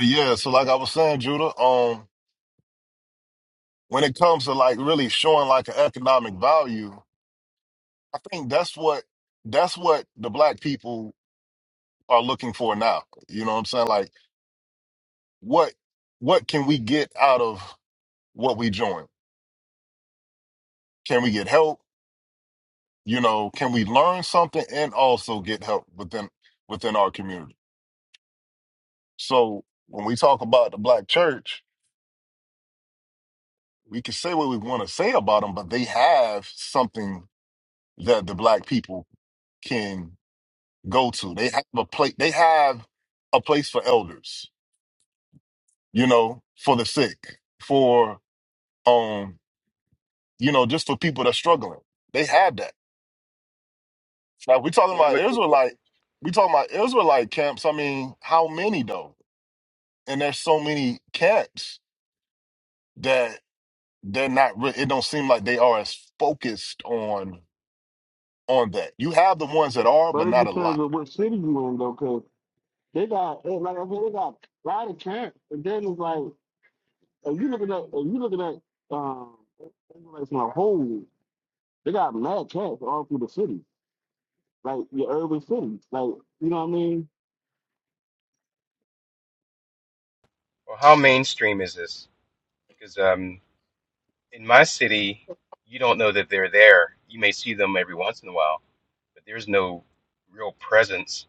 Yeah, so like I was saying, Judah, um, when it comes to like really showing like an economic value, I think that's what that's what the black people are looking for now. You know what I'm saying? Like what what can we get out of what we join? Can we get help? You know, can we learn something and also get help within within our community? So when we talk about the black church, we can say what we want to say about them, but they have something that the black people can go to. They have a place. They have a place for elders. You know, for the sick, for um, you know, just for people that's struggling. They have that. Now we're talking Yeah, I have about a quick Israelite. question. We talking about Israelite camps. I mean, how many though? And there's so many camps that they're not. Re- it don't seem like they are as focused on on that. You have the ones that are, but But it not a lot. depends on what city you in though, cause they got eh, like I said, they got a lot of camp. And then it's like if you looking at if you looking at um like from a whole they got mad camps all through the city. Like your urban cities. Like you know what I mean? Well, how mainstream is this? Because um, in my city, you don't know that they're there. You may see them every once in a while, but there's no real presence.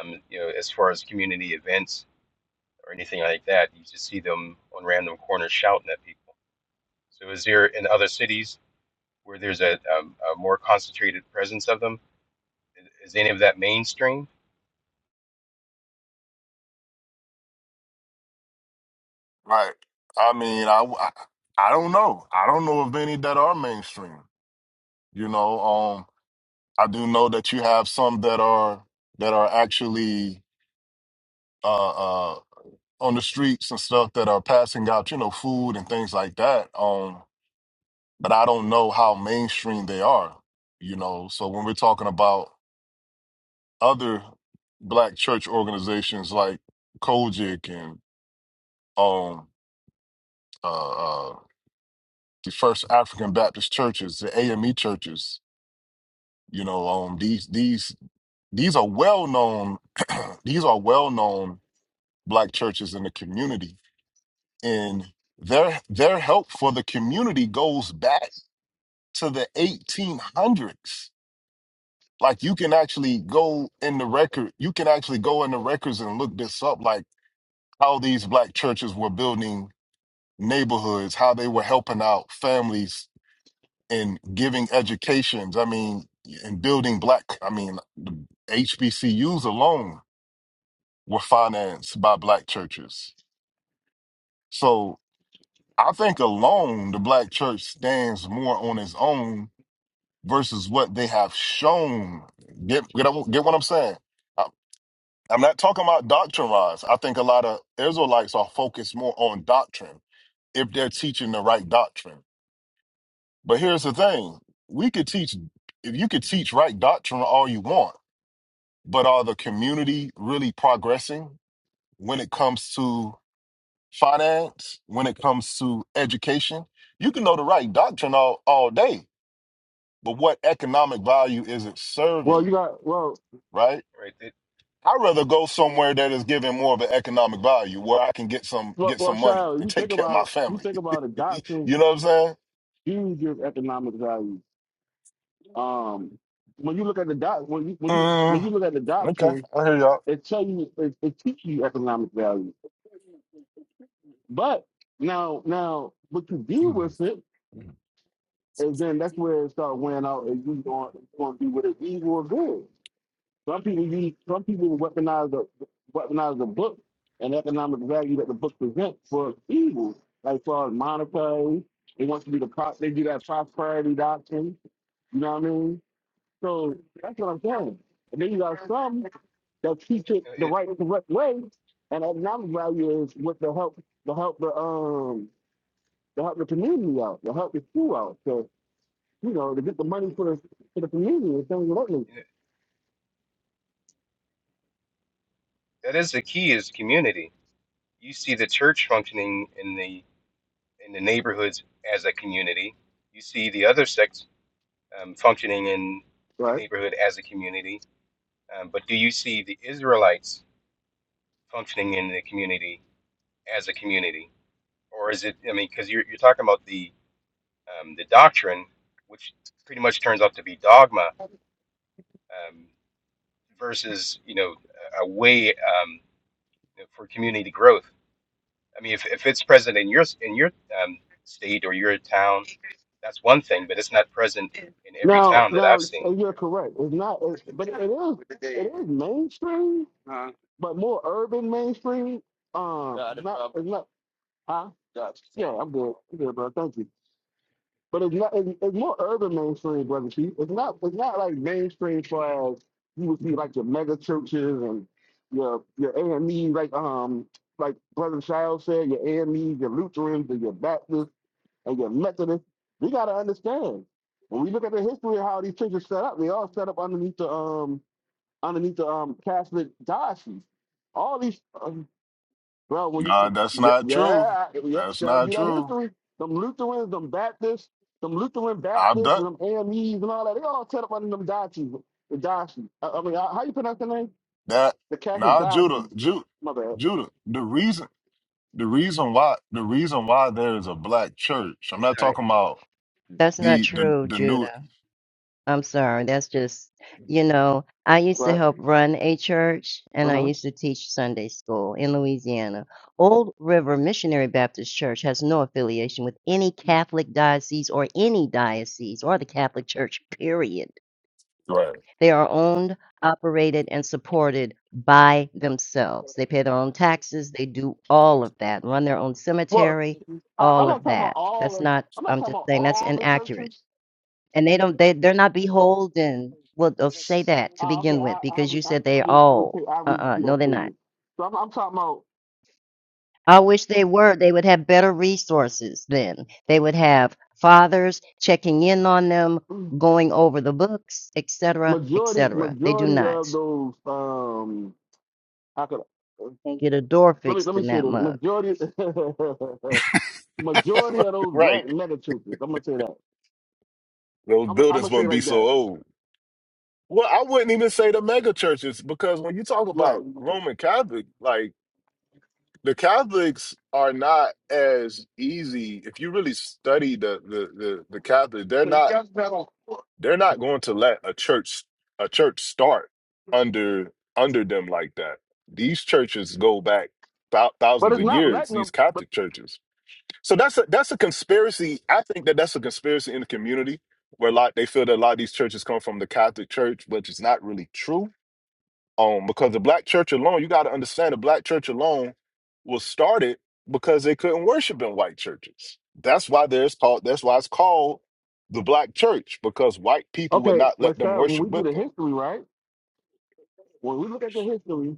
Um, you know, as far as community events or anything like that, you just see them on random corners shouting at people. So, is there in other cities where there's a, um a more concentrated presence of them? Is any of that mainstream? Right. I mean, I I, I don't know. I don't know of any that are mainstream. You know, um, I do know that you have some that are that are actually uh, uh, on the streets and stuff that are passing out, you know, food and things like that. Um, but I don't know how mainstream they are. You know, so when we're talking about other black church organizations like Kojic and um, uh, uh, the First African Baptist churches, the AME churches, you know, um, these these these are well known these are well known black churches in the community and their their help for the community goes back to the 1800s like you can actually go in the record you can actually go in the records and look this up like how these black churches were building neighborhoods how they were helping out families and giving educations i mean and building black i mean the hbcus alone were financed by black churches so I think alone the black church stands more on its own versus what they have shown. Get get, get what I'm saying? I, I'm not talking about doctrine wise. I think a lot of Israelites are focused more on doctrine if they're teaching the right doctrine. But here's the thing: we could teach if you could teach right doctrine all you want, but are the community really progressing when it comes to finance? When it comes to education? You can know the right doctrine all all day but what economic value is it Well you serving, got well right? Right. It, I'd rather go somewhere that is giving more of an economic value where I can get some well, get well some money child, and you take think care of my about you family. think about the you doctrine know what I'm saying? huge economic value. Um when you look at the doc when you when you when Mm, you look at the okay, doctrine, I hear y'all. it tell you it, it teach you economic value. But now, now, what you do with it, and then that's where it starts wearing out. And you going, going to be with it evil or good. Some people use, some people weaponize the weaponize the book and economic value that the book presents for evil, like far as monetary. They want to be the pro- they do that prosperity doctrine. You know what I mean? So that's what I'm saying. And then you got some that teach it the it, right correct way, and economic value is what the help the help the um to help the community out, to help the school out, so you know, to get the money for the for the community and things like that. it, that is the key is community. You see the church functioning in the in the neighborhoods as a community. You see the other sects um, functioning in the Right. neighborhood as a community, um, but do you see the Israelites functioning in the community as a community, or is it? I mean, because you're you're talking about the um, the doctrine, which pretty much turns out to be dogma, um, versus you know a way um, for community growth. I mean, if, if it's present in your in your um, state or your town that's one thing, but it's not present in every Now, town that now I've so seen. you're correct. It's not, it's, but it is it is mainstream, but more urban mainstream. Um, not it's not. Huh? you. Yeah, I'm good. I'm good, bro. Thank you. But it's not. It's, it's more urban mainstream, brother Chief. It's not. It's not like mainstream far as you would see like your mega churches and your your AME, like um, like brother Child said, your AME, your Lutherans, and your Baptists, and your Methodists. We got to understand when we look at the history of how these churches set up. They all set up underneath the um underneath the um Catholic diocese. All these um, well, when Nah, you, that's yeah, not true. yeah, yeah, That's shall not be that true. history. Them Lutherans, them Baptists, them Lutheran I've Baptists, done and them AMEs and all that, they all set up under them diocese, the diocese. I, I mean, how how you pronounce the name? that. The Catholic Nah, Judah, diocese. Judah, My bad. Judah. The reason, the reason why, the reason why there is a black church. I'm not Sorry, talking about that's not the the true, the new Judah. I'm sorry. That's just, you know, I used to Right. help run a church Uh and I huh. used to teach Sunday school in Louisiana. Old River Missionary Baptist Church has no affiliation with any Catholic diocese or any diocese or the Catholic Church, period. They are owned, operated, and supported by themselves. They pay their own taxes, they do all of that, run their own Well, cemetery, I, I'm all not of talking about that. all. That's Of, not, I'm not I'm talking just about saying, that's all the inaccurate churches. and they don't they they're not beholden well uh, say that to Uh, okay, begin I with I because re, you I said I they re, I, re, all I re, uh-uh do that no they're not statement. So I'm, I'm talking about i wish they were they would have better resources then they would have fathers checking in on them going over the books etc majority etc they do majority not of those. Um, how could I? they get a door let me let fixed me in say that this. mug Majority majority of those right. black mega churches, I'm gonna say that. Those I'm I'm buildings gonna say it wouldn't be like so that. old Well, I wouldn't even say the mega churches because when you talk Right. about Roman Catholic, like the Catholics are not as easy. If you really study the the the, the Catholic, they're not Yes, Battle. they're not going to let a church a church start under under them like that. These churches go back thou- But thousands it's of not years. letting These them but Catholic churches. So that's a that's a conspiracy. I think that that's a conspiracy in the community where a lot they feel that a lot of these churches come from the Catholic Church, which is not really true um, because the black church alone, you got to understand the black church alone was started because they couldn't worship in white churches. That's why there's called that's why it's called the black church, because white people would okay, not let but them sir, when worship we do with the them. history, right? When we look at the history,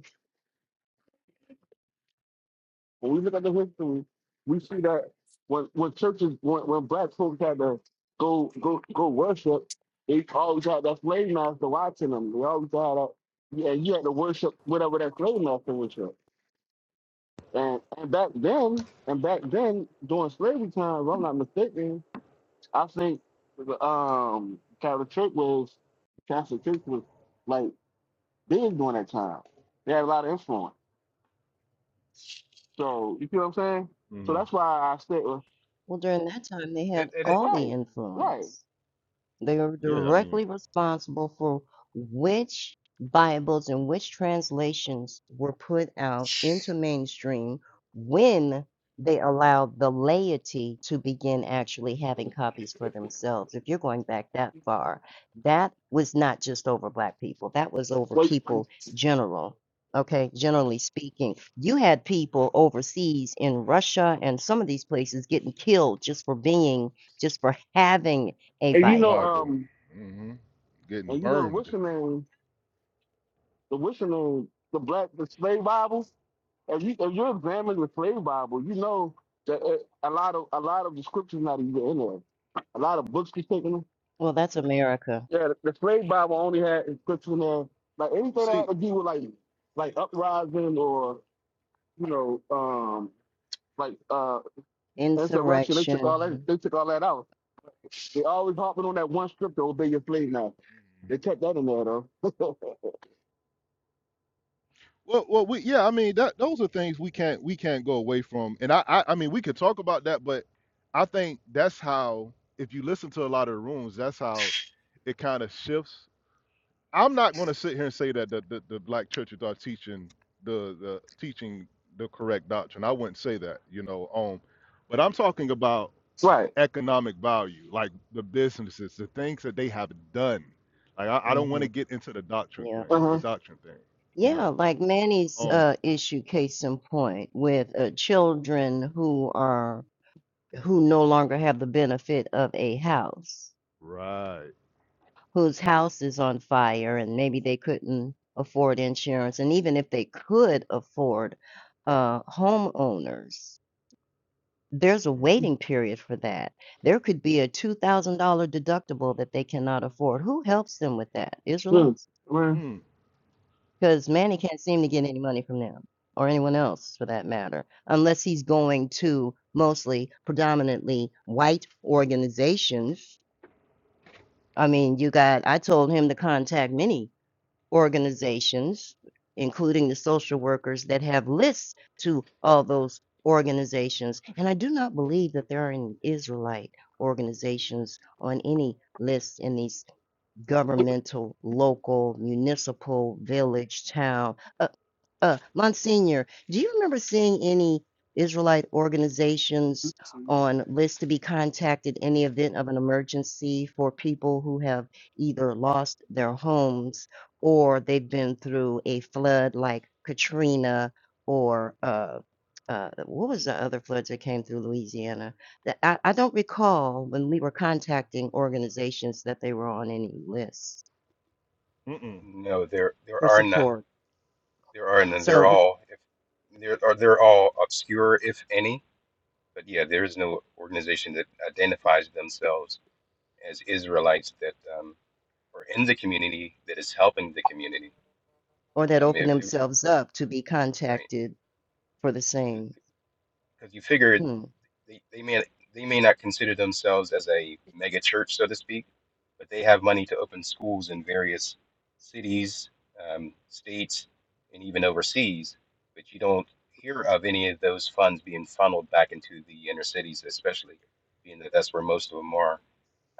when we look at the history, we see that when when churches when, when black folks had to go go go worship, they always had that slave master watching them. They always had that yeah, you had to worship whatever that slave master was. And and back then, and back then during slavery times, if I'm not mistaken, I think the um Catholic Church was Catholic Church was like big during that time. They had a lot of influence. So you see what I'm saying? So Mm, that's why I said well, well during that time they had It, it, all the right, right. influence They are yeah, I mean directly responsible for which Bibles and which translations were put out into mainstream when they allowed the laity to begin actually having copies for themselves. If you're going back that far, that was not just over Black people, that was over Well people general. Okay, generally speaking, you had people overseas in Russia and some of these places getting killed just for being, just for having a and the you know Bible. Bible um hmm getting and you know the burned. wishing name the wishing name the black the slave Bible. If you if you're examining the slave Bible, you know that it, a lot of a lot of the scriptures not even in there. A lot of books be taking them. Well, that's America. Yeah, the, the slave Bible only had scripture in there. Like Well, anything that had See, to do with like like uprising or you know um like uh insurrection, they took all that Insurrection. they took all that out. They always harping on that one scripture, obey your slave now. They kept that in there though. well, well, we, yeah, I mean that those are things we can't we can't go away from, and I, I I mean we could talk about that, but I think that's how if you listen to a lot of the rooms, that's how it kind of shifts I'm not going to sit here and say that the, the, the black churches are teaching the, the teaching the correct doctrine. I wouldn't say that, you know. Um, but I'm talking about right. economic value, like the businesses, the things that they have done. Like I, I don't want hmm to get into the doctrine Yeah. thing, the Uh doctrine thing, you Yeah, know. like Manny's Um, uh, issue, case in point, with uh, children who are who no longer have the benefit of a house, right. whose house is on fire, and maybe they couldn't afford insurance, and even if they could afford uh, homeowners, There's a waiting Mm-hmm. period for that. There could be a $2,000 deductible that they cannot afford. Who helps them with that? Israelites? huh. Mm, Because Manny can't seem to get any money from them or anyone else for that matter, unless he's going to mostly predominantly white organizations. I mean, you got, I told him to contact many. organizations, including the social workers that have lists to all those organizations. And I do not believe that there are any Israelite organizations on any list in these governmental, local, municipal, village, town. uh, uh, Monsignor, do you remember seeing any Israelite organizations on lists to be contacted in the event of an emergency for people who have either lost their homes or they've been through a flood like Katrina or uh, uh, what was the other floods that came through Louisiana? That I, I don't recall when we were contacting organizations that they were on any lists mm-mm. no, there there for are none. support. There are none. They're So all if they're or they're all obscure, if any. But yeah, there is no organization that identifies themselves as Israelites that um, are in the community that is helping the community. or that Um, open if you, themselves up to be right, contacted for the same. because you figure Hmm. they, they may they may not consider themselves as a mega church, so to speak, but they have money to open schools in various cities, um, states, and even overseas. But you don't hear of any of those funds being funneled back into the inner cities, especially being that that's where most of them are,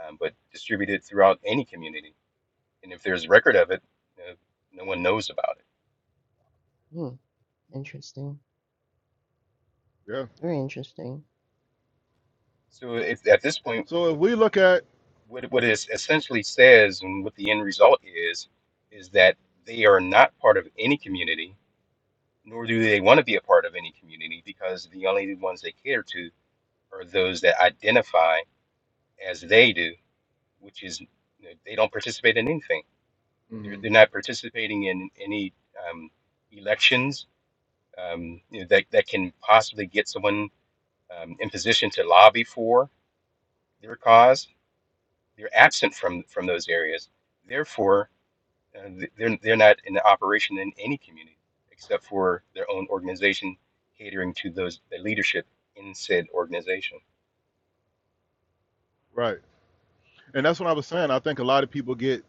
um, but distributed throughout any community. And if there's record of it, uh, no one knows about it. Hmm. Interesting. Yeah. Very interesting. So if, at this point, So if we look at, what what it essentially says and what the end result is is that they are not part of any community, nor do they want to be a part of any community because the only ones they cater to are those that identify as they do, which is you know, they don't participate in anything. They're, Mhm. they're not participating in any um, elections um, you know, that that can possibly get someone um, in position to lobby for their cause. They're absent from from those areas. Therefore, Uh, th- they're they're not in operation in any community except for their own organization catering to those the leadership in said organization. right, and that's what I was saying. I think a lot of people get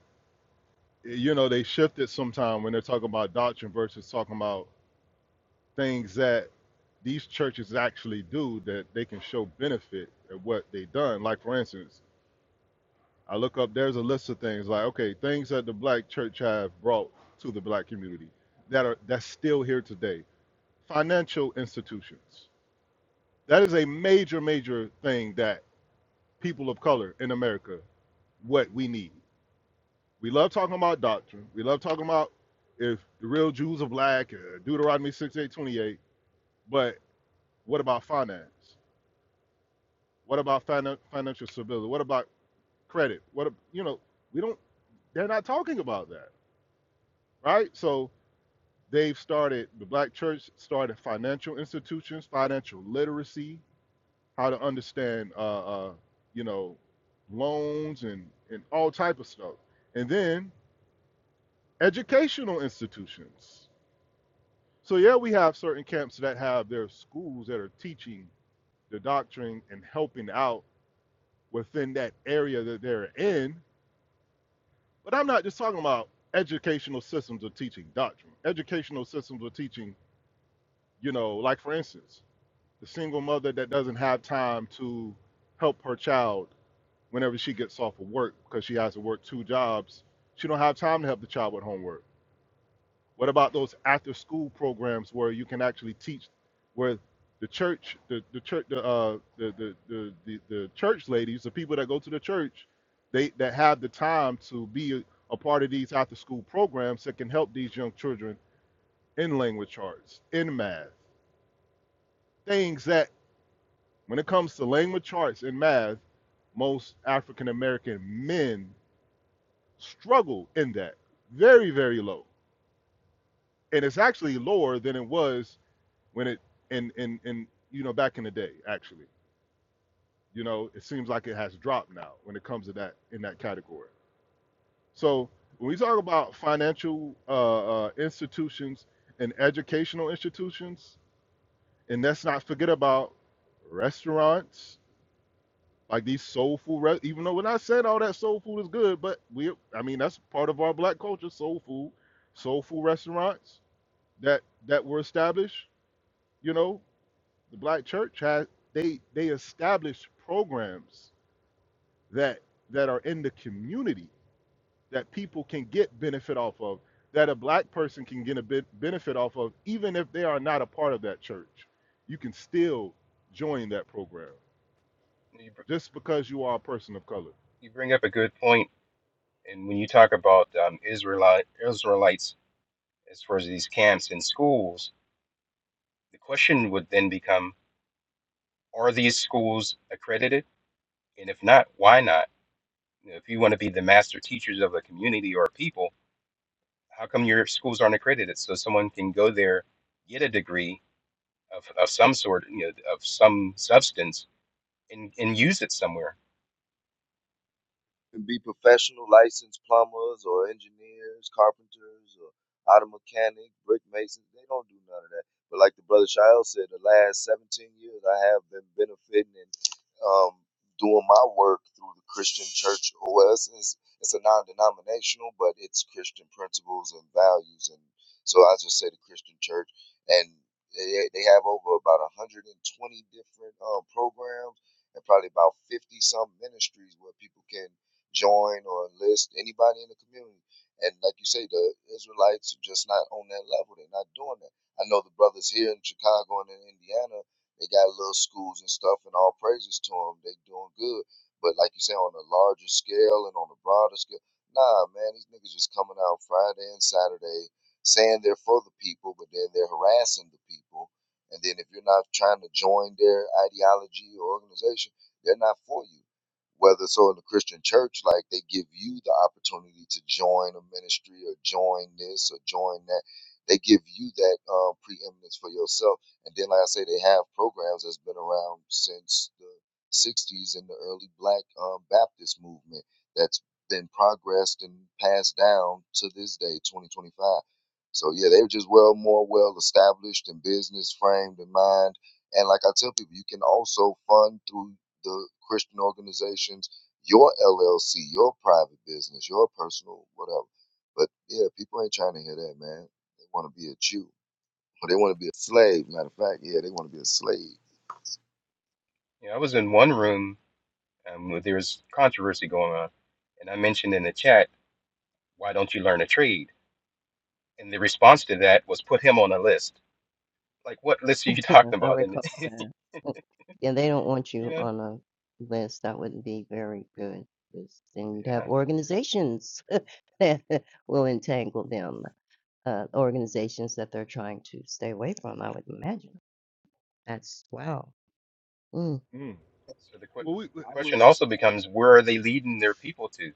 you know they shifted sometime when they're talking about doctrine versus talking about things that these churches actually do that they can show benefit of what they done like for instance i look up there's a list of things like okay things that the black church have brought to the black community that are that's still here today financial institutions that is a major major thing that people of color in america what we need we love talking about doctrine. We love talking about if the real Jews are black, uh, Deuteronomy six eight twenty eight. But what about finance? What about finan- financial stability? What about credit? What, you know, we don't, they're not talking about that, right? So they've started, the black church started financial institutions, financial literacy, how to understand, uh, uh, you know, loans and, and all type of stuff. And then educational institutions So yeah, we have certain camps that have their schools that are teaching the doctrine and helping out within that area that they're in. But I'm not just talking about educational systems of teaching doctrine. Educational systems of teaching, you know, like for instance, the single mother that doesn't have time to help her child whenever she gets off of work because she has to work two jobs. She don't have time to help the child with homework What about those after school programs where you can actually teach where the church the, the church the, uh, the, the, the the the church ladies, the people that go to the church, they that have the time to be a, a part of these after school programs that can help these young children in language arts, in math. Things that when it comes to language arts and math, most African American men struggle in that. Very, very low. And it's actually lower than it was when it and and and you know back in the day actually you know it seems like it has dropped now when it comes to that in that category so when we talk about financial uh, uh, institutions and educational institutions and let's not forget about restaurants like these soul food re- even though when i said all that soul food is good but we i mean that's part of our black culture soul food soul food restaurants that that were established you know the black church has they they establish programs that that are in the community that people can get benefit off of that a black person can get a bit benefit off of even if they are not a part of that church you can still join that program You, br- just because you are a person of color you bring up a good point, and when you talk about um, Israelite Israelites as far as these camps and schools, the question would then become: Are these schools accredited? And if not, why not? You know, if you want to be the master teachers of a community or a people, how come your schools aren't accredited so someone can go there, get a degree, of, of some sort, you know, of some substance, and, and use it somewhere. and be professional, licensed plumbers or engineers, carpenters or auto mechanic, brick masons. They don't do none of that. But like the brother Shael said, the last 17 years I have been benefiting um, doing my work through the Christian Church OS. It's, it's a non-denominational, but it's Christian principles and values, and so I just say the Christian Church, and they, they have over about 120 different um, programs and probably about 50 some ministries where people can join or enlist anybody in the community. And like you say, the Israelites are just not on that level. They're not doing that. I know the brothers here in Chicago and in Indiana they got little schools and stuff, and all praises to them. They doing good. But like you say, on a larger scale and on a broader scale, nah, man, these niggas just coming out Friday and Saturday saying they're for the people, but then they're harassing the people. And then if you're not trying to join their ideology or organization, they're not for you. Whether so in the Christian church, like they give you the opportunity to join a ministry or join this or join that, they give you that uh, preeminence for yourself and then, like I say, they have programs that's been around since the 60s in the early Black um, Baptist movement that's been progressed and passed down to this day, 2025. So, yeah, they were just well, more well established and business framed in mind. And like I tell people, you can also fund through the Christian organizations your LLC, your private business, your personal whatever. But yeah, people ain't trying to hear that, man. They want to be a Jew. Or they want to be a slave. Matter of fact, yeah, they want to be a slave. You know, I was in one room um, where there was controversy going on, and I mentioned in the chat, "Why don't you learn a trade?" And the response to that was, "Put him on a list." Like, what list are you talking I about? And recall that. Oh, Yeah, they don't want you you know, on a list. That wouldn't be very good. Because then you'd have yeah. organizations that will entangle them. Uh, organizations that they're trying to stay away from, I would imagine. That's wow. Mm. mm. So the qu- well we, I was, question also becomes, where are they leading their people to?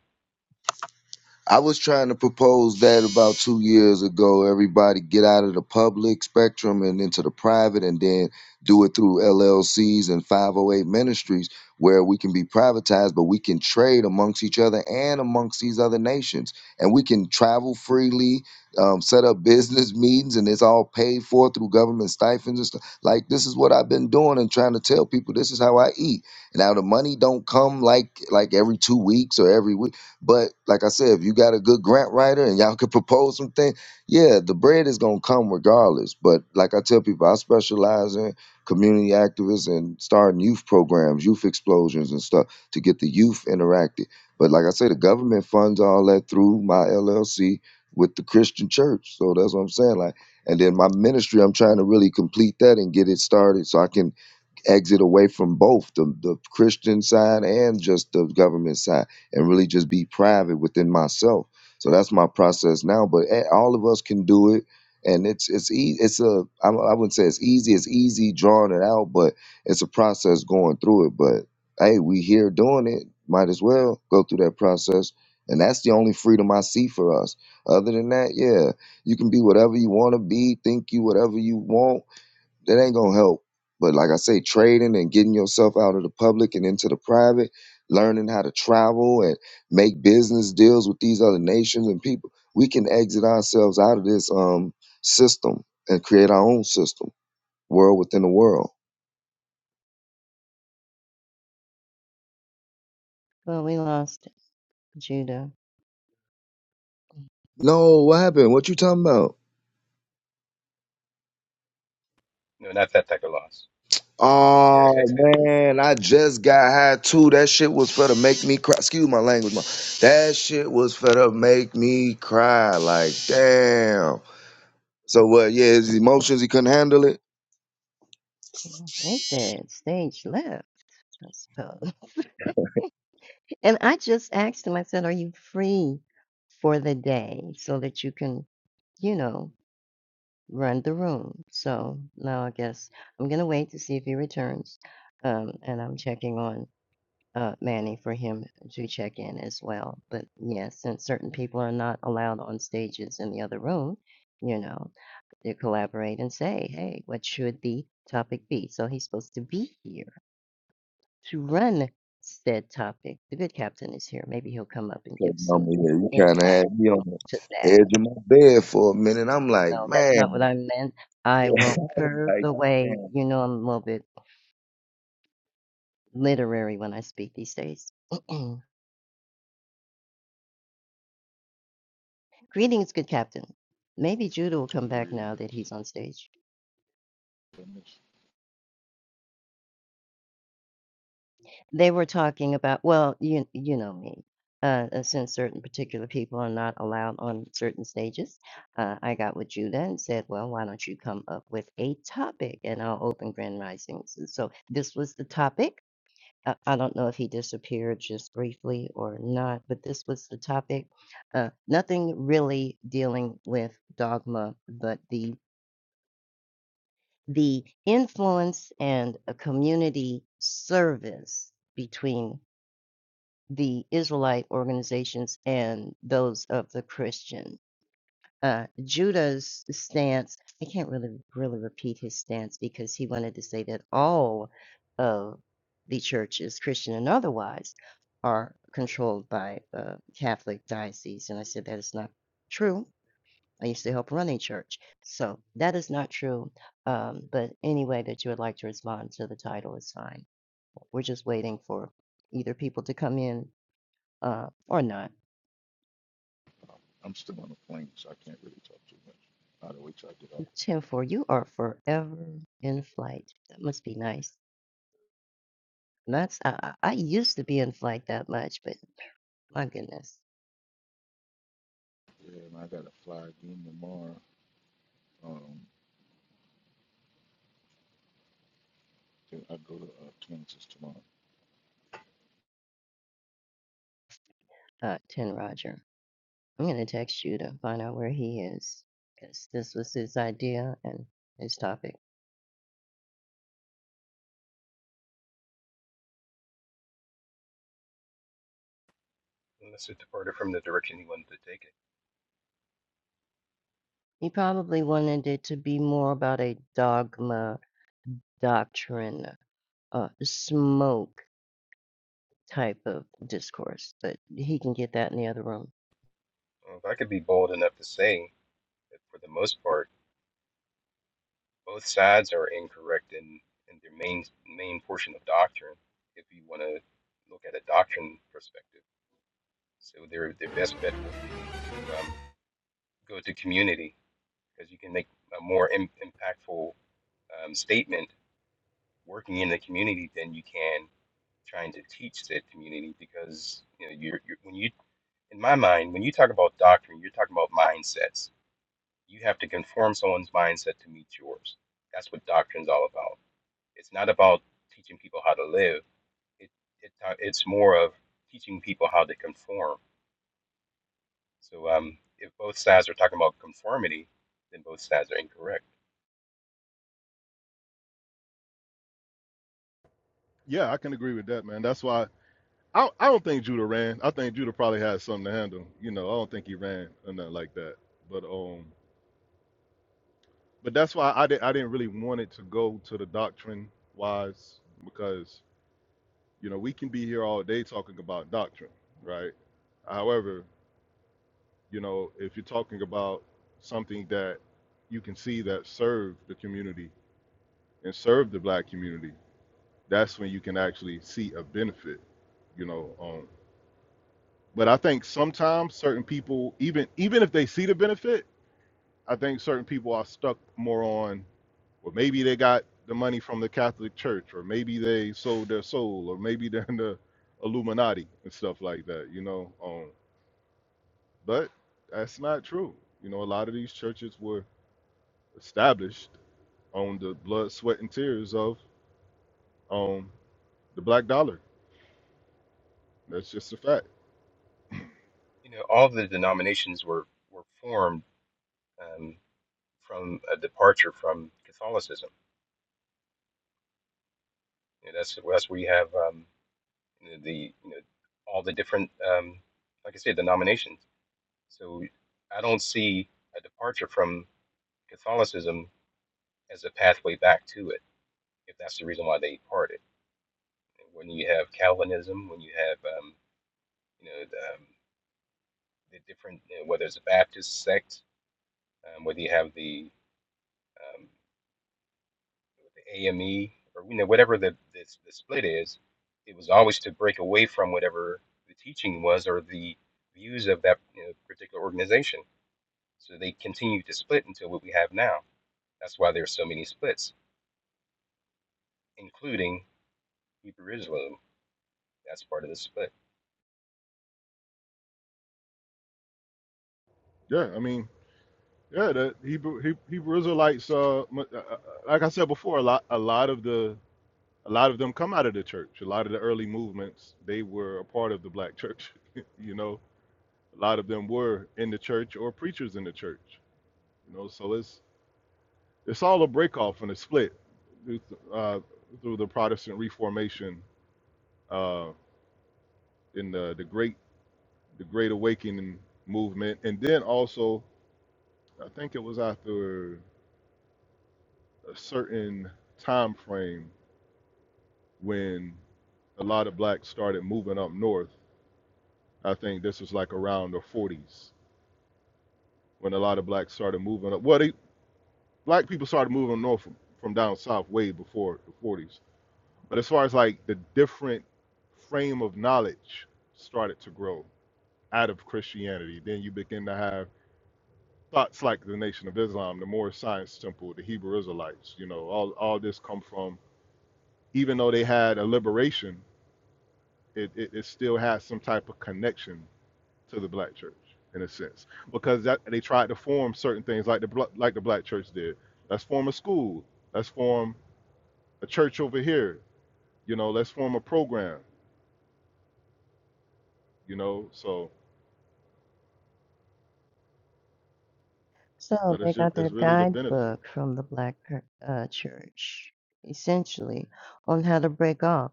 I was trying to propose that about two years ago. Everybody get out of the public spectrum and into the private, and then do it through LLCs and 508 ministries where we can be privatized, but we can trade amongst each other and amongst these other nations. And we can travel freely, um, set up business meetings, and it's all paid for through government stipends and stuff. Like, this is what I've been doing and trying to tell people this is how I eat. Now, the money don't come like like every two weeks or every week but like I said, if you got a good grant writer and y'all could propose some things, yeah, the bread is gonna come regardless. But like I tell people, I specialize in community activists and starting youth programs, youth explosions and stuff to get the youth interacted. But like I say, the government funds all that through my LLC with the Christian church. So that's what I'm saying. Like, and then my ministry, I'm trying to really complete that and get it started so I can exit away from both the, the Christian side and just the government side and really just be private within myself. So that's my process now. But eh, all of us can do it. And it's it's e- it's a I I wouldn't say it's easy it's easy drawing it out but it's a process going through it but hey we here doing it might as well go through that process and that's the only freedom I see for us other than that yeah you can be whatever you want to be think you whatever you want that ain't gonna help. But like I say, trading and getting yourself out of the public and into the private, learning how to travel and make business deals with these other nations and people, we can exit ourselves out of this um system and create our own system, world within the world. Well, we lost Judah. No, what happened? What you talking about? No, not that type of loss. He uh, Oh exited the room man, I just got high too. That shit was for to make me cry. Excuse my language, ma. That shit was for to make me cry. Like, damn. So what? yeah, his emotions he couldn't handle it. Hmm, Exit stage left, I suppose. And I just asked him, I said, Are you free for the day so that you can, you know, run the room? So now I guess I'm going to wait to see if he returns. Um, and I'm checking on uh, Manny for him to check in as well. But yeah, since certain people are not allowed on stages in the other room, you know, they collaborate and say, Hey, what should the topic be? So he's supposed to be here to run said topic. The good captain is here. Maybe he'll come up and Cause give I'm some yeah, you kind of had insight me on the to that. edge of my bed for a minute. I'm No, like, that's not man, what I meant. yeah, I I will was curve like, the way. man. You know, I'm a little bit literary when I speak these days. Greetings, good captain. Maybe Judah will come back Greetings. now that he's on stage. They were talking about well, you you know me, uh, uh, since certain particular people are not allowed on certain stages, uh, I got with Judah and said, well, why don't you come up with a topic and I'll open Grand Risings. And so this was the topic. Uh, I don't know if he disappeared just briefly or not, but this was the topic. Uh, nothing really dealing with dogma, but the the influence and a community service between the Israelite organizations and those of the Christian. Uh, Judah's stance, I can't really really repeat his stance because he wanted to say that all of the churches, Christian and otherwise, are controlled by uh, Catholic diocese. And I said that is not true. I used to help run a church. So that is not true. Um, but any way that you would like to respond to the title is fine. We're just waiting for either people to come in uh, or not. I'm still on the plane, so I can't really talk too much. I'll have to wait till I get off. Tim, for you are forever in flight. That must be nice. And that's I, I I used to be in flight that much, but my goodness. Yeah, and I got to fly again tomorrow. Um, I go to uh, Kansas tomorrow. Uh, Tin Roger, I'm gonna text you to find out where he is, because this was his idea and his topic. unless it departed from the direction he wanted to take it. He probably wanted it to be more about a dogma, doctrine, uh, smoke type of discourse, but he can get that in the other room. Well, if I could be bold enough to say, that for the most part. Both sides are incorrect in, in their main main portion of doctrine. If you want to look at a doctrine perspective, so their their best bet would be to um, go to community because you can make a more Im- impactful um, statement working in the community than you can trying to teach that community because you know you're, you're when you in my mind when you talk about doctrine you're talking about mindsets you have to conform someone's mindset to meet yours that's what doctrine's all about It's not about teaching people how to live. It, it it's more of teaching people how to conform. So um, if both sides are talking about conformity, then both sides are incorrect. yeah i can agree with that man that's why I, I don't think judah ran i think judah probably had something to handle you know i don't think he ran or nothing like that but um but that's why I didn't I didn't really want it to go to the doctrine wise because you know we can be here all day talking about doctrine, right? However, you know if you're talking about something that you can see that serve the community and serve the black community, that's when you can actually see a benefit, you know. Um, but I think sometimes certain people even even if they see the benefit I think certain people are stuck more on, well, maybe they got the money from the Catholic Church, or maybe they sold their soul, or maybe they're in the Illuminati and stuff like that, you know. Um, but that's not true. You know, a lot of these churches were established on the blood, sweat, and tears of um, the black dollar. That's just a fact. You know, all the denominations were were formed um, from a departure from Catholicism. You know, that's that's where you have um, you know, the you know all the different um, like I said denominations. So I don't see a departure from Catholicism as a pathway back to it, if that's the reason why they parted. when you have Calvinism, when you have um, you know the, um, the different you know, whether it's a Baptist sect, um, whether you have the um, the AME or you know whatever the, the the split is, it was always to break away from whatever the teaching was or the views of that you know, particular organization. So they continued to split until what we have now. That's why there are so many splits, including Hebrew Israelism. That's part of the split. Yeah, I mean, yeah, the Hebrew, He- Hebrew Israelites, uh, mu- uh, uh, like I said before, a lot, a lot of the A lot of them come out of the church. A lot of the early movements, they were a part of the black church. you know, a lot of them were in the church or preachers in the church. You know, so it's it's all a break off and a split through, uh, through the Protestant Reformation uh, in the the great the Great Awakening movement, and then also I think it was after a certain time frame when a lot of blacks started moving up north. I think this was like around the 40s when a lot of blacks started moving up. Well, they black people started moving north from, from down south way before the 40s. But as far as like the different frame of knowledge started to grow out of Christianity, then you begin to have thoughts like the Nation of Islam, the Moorish Science Temple, the Hebrew Israelites. You know, all all this come from even though they had a liberation, it, it, it still has some type of connection to the black church in a sense because that they tried to form certain things like the bla- like the black church did. Let's form a school. Let's form a church over here. You know, let's form a program. You know, so So but they it's ju- got their it's really the benefit, guidebook from the Black per- uh, church, essentially, on how to break off,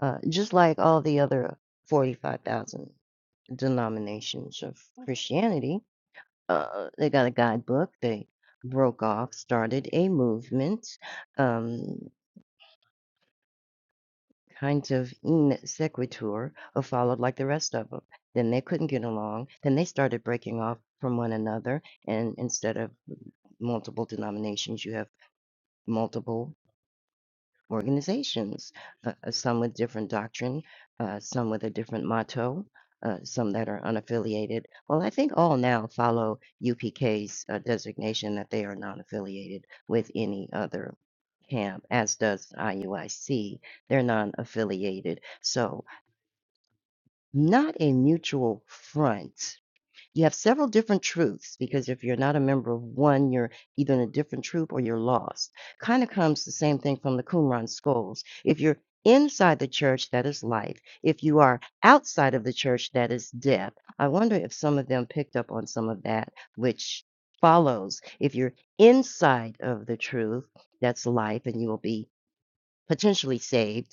uh, just like all the other 45,000 denominations of Christianity. Uh, they got a guidebook. They broke off, started a movement, um, kind of in sequitur, or followed like the rest of them. Then they couldn't get along. Then they started breaking off from one another, and instead of multiple denominations, you have multiple organizations, uh, uh, some with different doctrine, uh, some with a different motto, uh, some that are unaffiliated. Well, I think all now follow UPK's uh, designation that they are non affiliated with any other camp, as does IUIC. They're non affiliated. So, not a mutual front you have several different truths because if you're not a member of one, you're either in a different troop or you're lost. Kind of comes the same thing from the Qumran scrolls. If you're inside the church, that is life. If you are outside of the church, that is death. I wonder if some of them picked up on some of that, which follows. If you're inside of the truth, that's life, and you will be potentially saved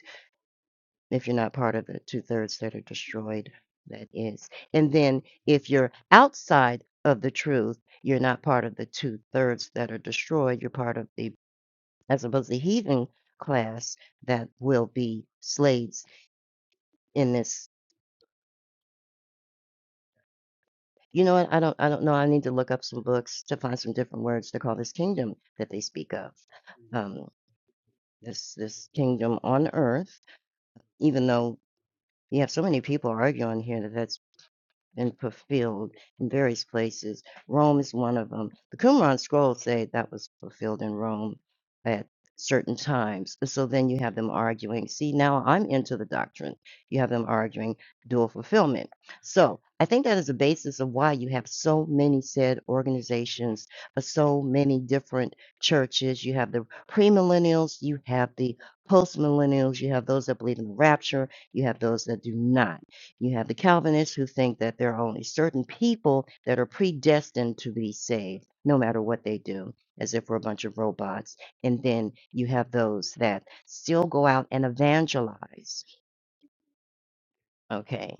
if you're not part of the two thirds that are destroyed, that is. And then if you're outside of the truth, you're not part of the two thirds that are destroyed. You're part of the, I suppose, the heathen class that will be slaves in this. You know what? I don't. I don't know. I need to look up some books to find some different words to call this kingdom that they speak of. Um, this this kingdom on earth. Even though you have so many people arguing here that that's been fulfilled in various places. Rome is one of them. The Qumran scrolls say that was fulfilled in Rome at certain times. So then you have them arguing. See, now I'm into the doctrine. You have them arguing dual fulfillment. So I think that is the basis of why you have so many said organizations, uh, so many different churches. You have the premillennials, you have the postmillennials, you have those that believe in the rapture, you have those that do not. You have the Calvinists who think that there are only certain people that are predestined to be saved, no matter what they do, as if we're a bunch of robots. And then you have those that still go out and evangelize, okay,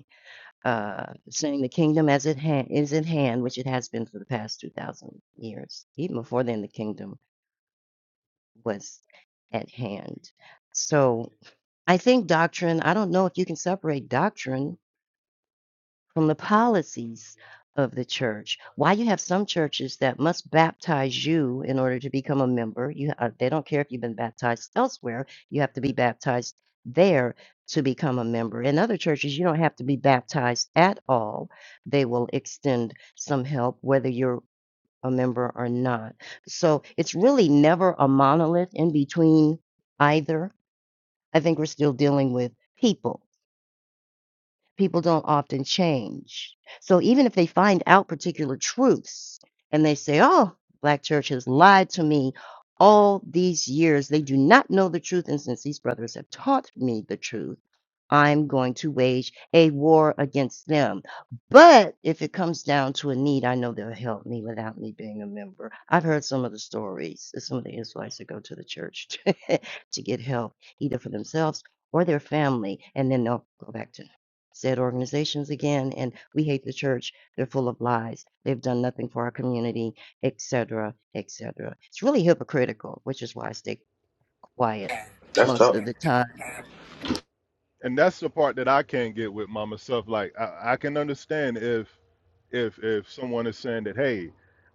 uh, saying the kingdom as it ha- is at hand, which it has been for the past 2,000 years. Even before then, the kingdom was at hand. So I think doctrine, I don't know if you can separate doctrine from the policies of the church. Why you have some churches that must baptize you in order to become a member. You uh, they don't care if you've been baptized elsewhere. You have to be baptized there to become a member. In other churches, you don't have to be baptized at all. They will extend some help whether you're a member or not. So it's really never a monolith in between either. I think we're still dealing with people people don't often change. So even if they find out particular truths and they say, oh, Black church has lied to me all these years, they do not know the truth. And since these brothers have taught me the truth, I'm going to wage a war against them. But if it comes down to a need, I know they'll help me without me being a member. I've heard some of the stories of some of the Israelites that go to the church to get help, either for themselves or their family, and then they'll go back to said organizations again. And we hate the church. They're full of lies. They've done nothing for our community, et cetera, et cetera. It's really hypocritical, which is why I stay quiet That's most tough. of the time. and that's the part that I can't get with my myself. Like I, I can understand if if if someone is saying that hey,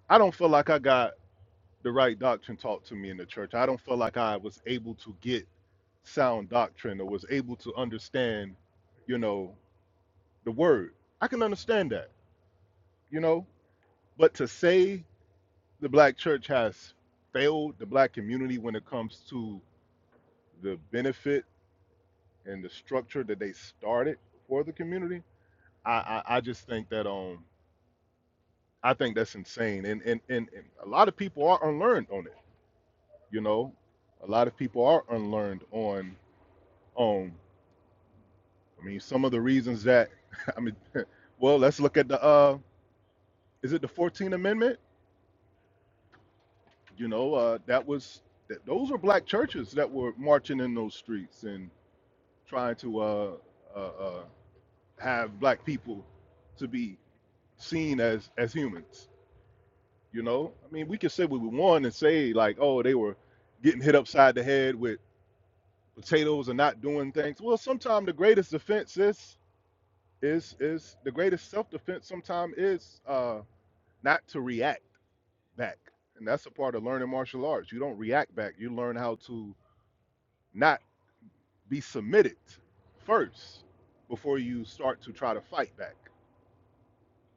I don't feel like I got the right doctrine taught to me in the church. I don't feel like I was able to get sound doctrine or was able to understand, you know. the word. I can understand that, you know, but to say the black church has failed the black community when it comes to the benefit and the structure that they started for the community, I I, I just think that um I think that's insane, and and and, and a lot of people are unlearned on it, you know, a lot of people are unlearned on um I mean some of the reasons that I mean, well let's look at the uh is it the 14th Amendment? you know uh, that was that those were black churches that were marching in those streets and trying to uh, uh, uh, have black people to be seen as as humans you know i mean we can say what we want and say like oh they were getting hit upside the head with potatoes and not doing things well sometimes the greatest defense is is is the greatest self-defense sometimes is uh not to react back and that's a part of learning martial arts you don't react back you learn how to not be submitted first before you start to try to fight back.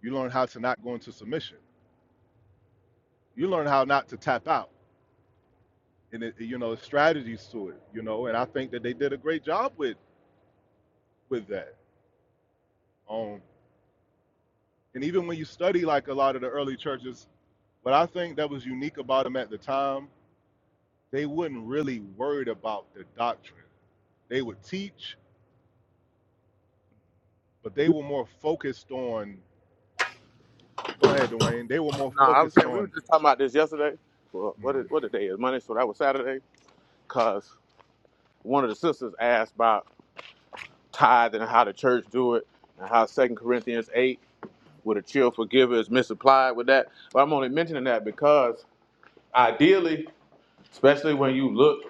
You learn how to not go into submission. You learn how not to tap out, and it, you know strategies to it. You know, and I think that they did a great job with with that. Um, and even when you study like a lot of the early churches, what I think that was unique about them at the time, they wouldn't really worried about the doctrine. They would teach, but they were more focused on. Go ahead, Dwayne. They were more No, I was focused saying we were on. just talking about this yesterday. Well, what mm, is, what the day is Monday, so that was Saturday. Cause one of the sisters asked about tithe and how the church do it, and how Second Corinthians eight with a chill forgiver is misapplied with that. But I'm only mentioning that because ideally, especially when you look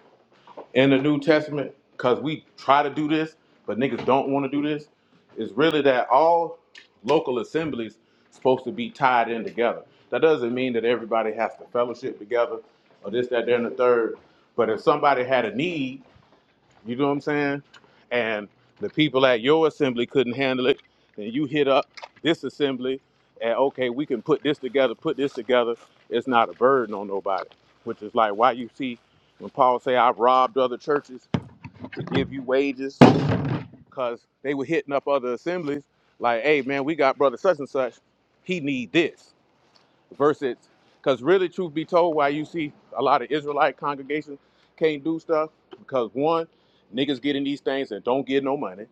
in the New Testament, because we try to do this, but niggas don't want to do this, is really that all local assemblies supposed to be tied in together. That doesn't mean that everybody has to fellowship together or this, that, there, and the third. But if somebody had a need you know what I'm saying? And the people at your assembly couldn't handle it. Then you hit up this assembly and okay, we can put this together, put this together. It's not a burden on nobody. Which is like why you see when Paul say I've robbed other churches to give you wages, because they were hitting up other assemblies, like, hey man, we got brother such and such. He need this versus because really truth be told why you see a lot of israelite congregations can't do stuff because one niggas get in these things and don't get no money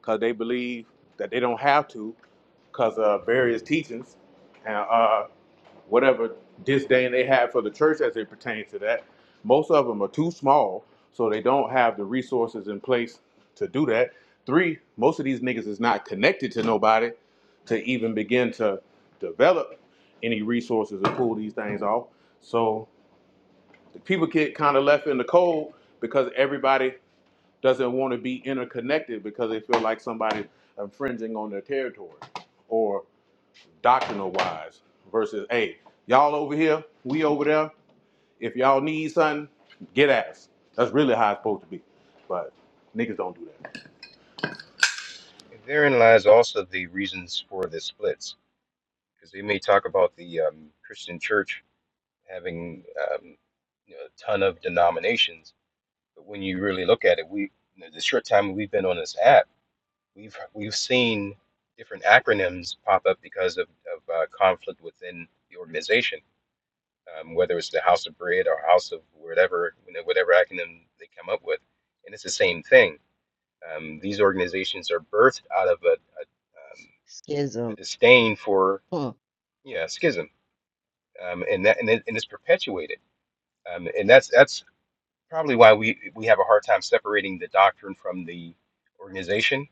because they believe that they don't have to because of various teachings and uh whatever disdain they have for the church as it pertains to that. Most of them are too small, so they don't have the resources in place to do that. Three, most of these niggas is not connected to nobody to even begin to develop any resources to pull these things off. So the people get kind of left in the cold because everybody doesn't want to be interconnected because they feel like somebody's infringing on their territory or doctrinal wise versus hey y'all over here we over there if y'all need something get at us that's really how it's supposed to be but niggas don't do that. And therein lies also the reasons for the splits because they may talk about the um, Christian church having um, you know, a ton of denominations, but when you really look at it, we you know, the short time we've been on this app, we've we've seen different acronyms pop up because of, of uh, conflict within the organization, um, whether it's the House of Bread or House of whatever you know, whatever acronym they come up with, and it's the same thing. Um, these organizations are birthed out of a, a, um, a Schism. disdain for hmm. yeah schism um, and that and, it, and it's perpetuated. Um, and that's that's probably why we we have a hard time separating the doctrine from the organization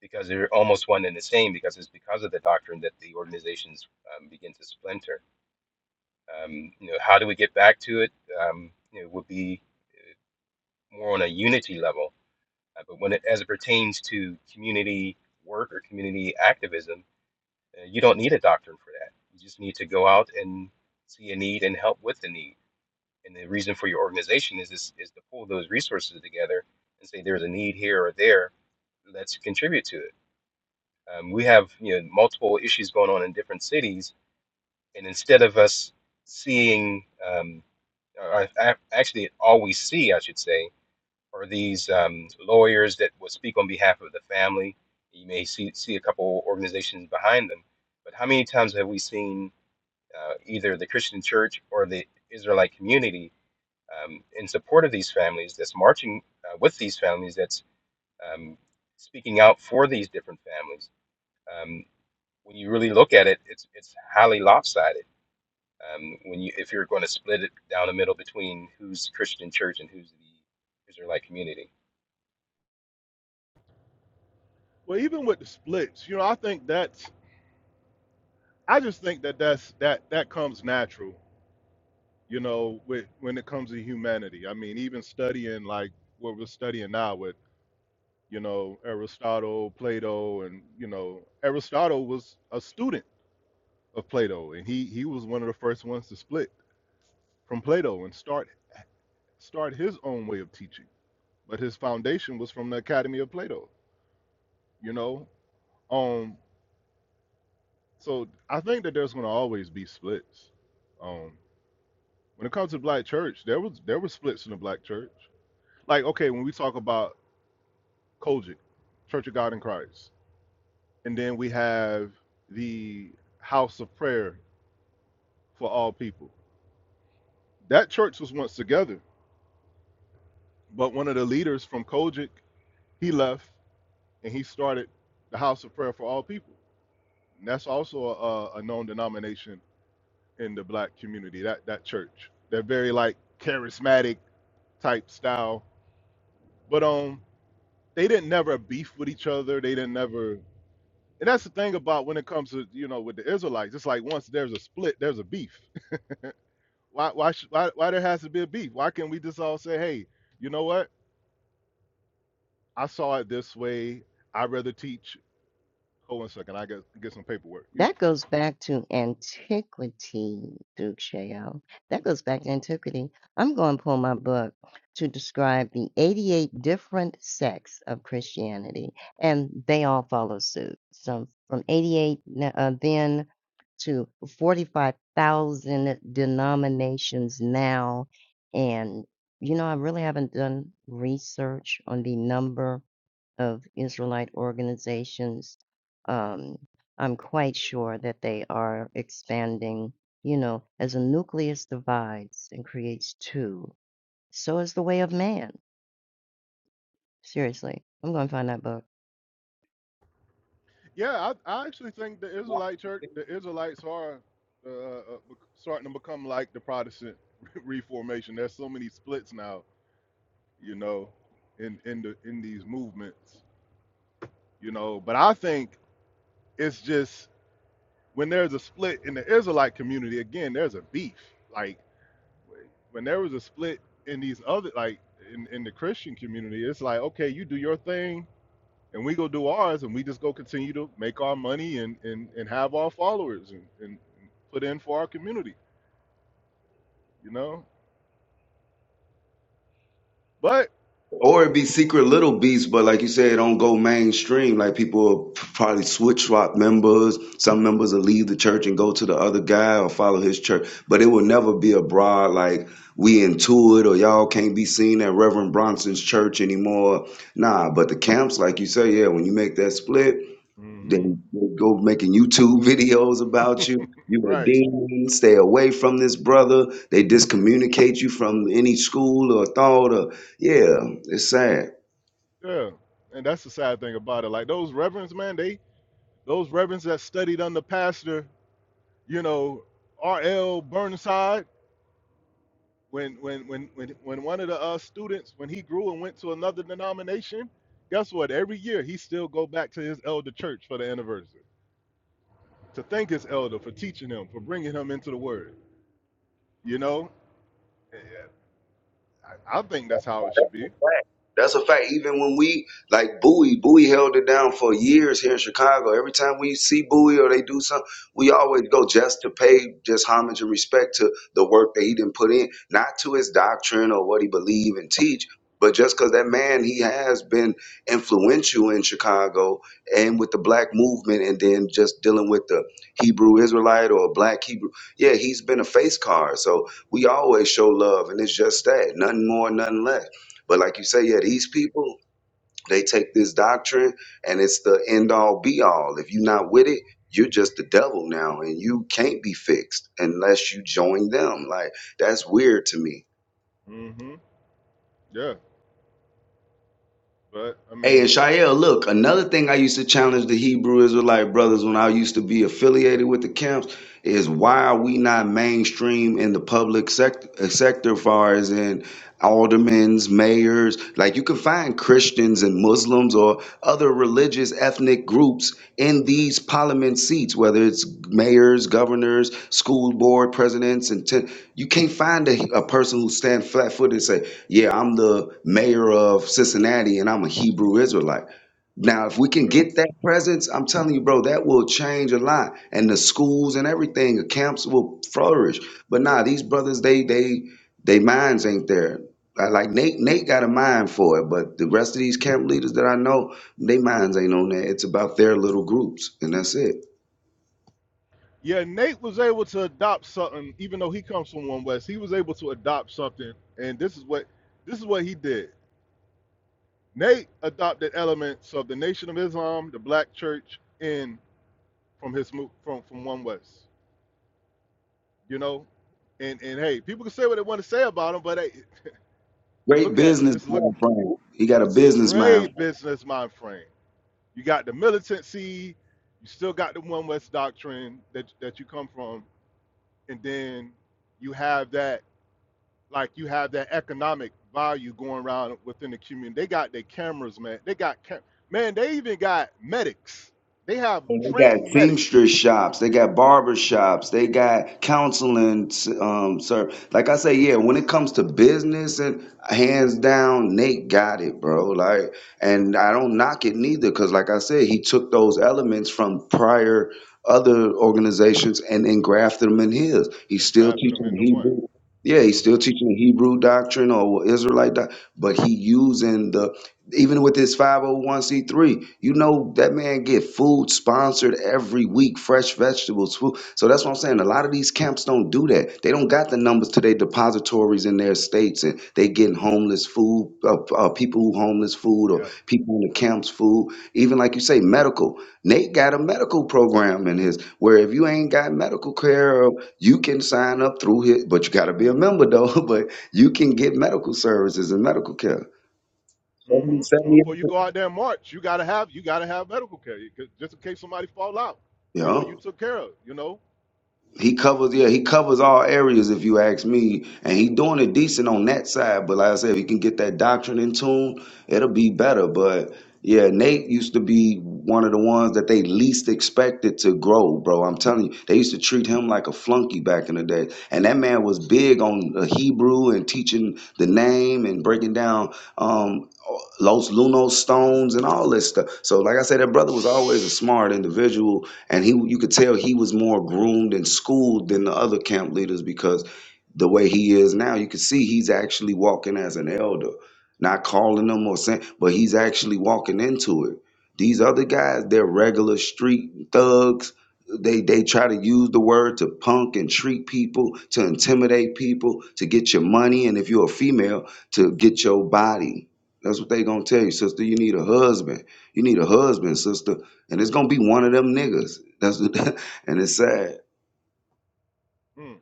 because they're almost one and the same. Because it's because of the doctrine that the organizations um, begin to splinter. Um, you know, how do we get back to it? Um, you know, would be more on a unity level, uh, but when it as it pertains to community work or community activism, uh, you don't need a doctrine for that. You just need to go out and see a need and help with the need and the reason for your organization is this is to pull those resources together and say there's a need here or there let's contribute to it um, we have you know multiple issues going on in different cities and instead of us seeing um, or, or actually all we see i should say are these um, lawyers that will speak on behalf of the family you may see, see a couple organizations behind them but how many times have we seen uh, either the christian church or the israelite community um, in support of these families, that's marching uh, with these families, that's um, speaking out for these different families. Um, when you really look at it, it's it's highly lopsided. Um, when you if you're going to split it down the middle between who's Christian church and who's the Israelite community, Well, even with the splits, you know, I think that's I just think that that's that that comes natural, you know, with when it comes to humanity. I mean, even studying like what we're studying now with, you know, Aristotle, Plato, and you know, Aristotle was a student of Plato, and he he was one of the first ones to split from Plato and start start his own way of teaching. But his foundation was from the Academy of Plato, you know. Um, so I think that there's going to always be splits. Um. When it comes to black church, there was there were splits in the black church. Like okay, when we talk about Kojic, Church of God in Christ, and then we have the House of Prayer for all people. That church was once together, but one of the leaders from Kojic he left and he started the House of Prayer for all people. And that's also a, a known denomination in the black community. That that church, they're very like charismatic type style, but um. they didn't never beef with each other. They didn't never, and that's the thing about when it comes to you know with the Israelites. It's like once there's a split, there's a beef. Why why should, why why there has to be a beef? Why can't we just all say, hey, you know what? I saw it this way. I'd rather teach. Hold on a second. I get get some paperwork. You, That goes back to antiquity, Duke Sheo. That goes back to antiquity. I'm going to pull my book to describe the 88 different sects of Christianity, and they all follow suit. So from 88 n- uh, then to 45,000 denominations now. And, you know, I really haven't done research on the number of Israelite organizations. Um, I'm quite sure that they are expanding, you know, as a nucleus divides and creates two, so is the way of man. Seriously, I'm going to find that book. yeah, I, I actually think the Israelite church, the Israelites are uh, uh, uh, starting to become like the Protestant Reformation. There's so many splits now, you know, in in the in these movements, you know. But I think It's just when there's a split in the Israelite community, again, there's a beef. Like when there was a split in these other, like in, in the Christian community, it's like, okay, you do your thing and we go do ours and we just go continue to make our money and, and, and have our followers and, and put in for our community, you know? But, Or it be secret little beats, but like you said, it don't go mainstream. Like people will p- probably switch swap members. Some members will leave the church and go to the other guy or follow his church. But it will never be a broad like we into it or y'all can't be seen at Reverend Bronson's church anymore. Nah, but the camps, like you say, yeah, when you make that split. They, hmm they go making YouTube videos about you. You a Right. demon. Stay away from this brother. They discommunicate you from any school or thought. Or yeah, it's sad. Yeah. And that's the sad thing about it. Like those reverends, man, they those reverends that studied under Pastor, you know, R.L. Burnside, when when when when when one of the uh, students when he grew and went to another denomination, guess what? Every year he still go back to his elder church for the anniversary to thank his elder for teaching him for bringing him into the word. You know, I, I think that's how it should be. fact. That's a fact. Even when we like Bowie, Bowie held it down for years here in Chicago. Every time we see Bowie or they do something, we always go just to pay just homage and respect to the work that he didn't put in, not to his doctrine or what he believe and teach, but just because that man he has been influential in Chicago and with the black movement, and then just dealing with the Hebrew Israelite or black Hebrew. Yeah, he's been a face card. So we always show love, and it's just that, nothing more, nothing less. But like you say, yeah, these people, they take this doctrine and it's the end all be all. If you're not with it, you're just the devil now and you can't be fixed unless you join them. Like, that's weird to me. Mm-hmm. Yeah, but I Hey, mean, and Shael, look, another thing I used to challenge the Hebrew Israelite brothers when I used to be affiliated with the camps is why are we not mainstream in the public sector, sector far as in aldermen's, mayors? Like you can find Christians and Muslims or other religious ethnic groups in these parliament seats, whether it's mayors, governors, school board presidents, and ten, you can't find a, a person who stand flat footed and say, yeah, I'm the mayor of Cincinnati and I'm a Hebrew Israelite. Now, if we can bro. get that presence, I'm telling you, bro, that will change a lot. And the schools and everything, the camps will flourish. But nah, these brothers, they they they minds ain't there. I, like Nate, Nate got a mind for it, but the rest of these camp leaders that I know, they minds ain't on that. It's about their little groups, and that's it. yeah, Nate was able to adopt something, even though he comes from one West. He was able to adopt something, and this is what this is what he did. Nate adopted elements of the Nation of Islam, the Black Church, and from his move from from One West. You know, and and hey, people can say what they want to say about him, but hey, Great look at business just look mind, Frank. He got a business mind great business mind frame. You got the militancy, you still got the One West doctrine that that you come from, and then you have that like you have that economic value going around within the community. They got their cameras, man. They got cam- man. They even got medics. They have And They got trained medics seamstress shops. They got barber shops. They got counseling. Um, sir, like I say, yeah. When it comes to business, and hands down, Nate got it, bro. Like, and I don't knock it neither, because like I said, he took those elements from prior other organizations and then grafted them in his. He's and still grafted them teaching into one. Hebrew. Yeah, he's still hmm teaching Hebrew doctrine or Israelite doctrine, but he using the even with his 501c3 you know that man get food sponsored every week fresh vegetables food so that's what i'm saying a lot of these camps don't do that they don't got the numbers to their depositories in their states and they getting homeless food uh, uh, people who homeless food or people in the camps food even like you say medical nate got a medical program in his where if you ain't got medical care uh, you can sign up through his but you got to be a member though but you can get medical services and medical care 70, hmm seventy-eight Before percent you go out there and march, you gotta have you gotta have medical care 'cause- just in case somebody fall out. You know, Yeah. you took care of. You know, He covers, yeah, he covers all areas if you ask me. And he doing it decent on that side. But like I said, if he can get that doctrine in tune, it'll be better. But yeah, Nate used to be one of the ones that they least expected to grow, bro. I'm telling you, they used to treat him like a flunky back in the day. And that man was big on uh, Hebrew and teaching the name and breaking down um, Los Lunos stones and all this stuff. So, like I said, that brother was always a smart individual and he you could tell he was more groomed and schooled than the other camp leaders because the way he is now you can see he's actually walking as an elder not calling them or saying but he's actually walking into it these other guys they're regular street thugs they they try to use the word to punk and treat people to intimidate people to get your money and if you're a female to get your body that's what they gonna tell you sister you need a husband you need a husband sister and it's gonna be one of them niggas. That's and it's sad. mm.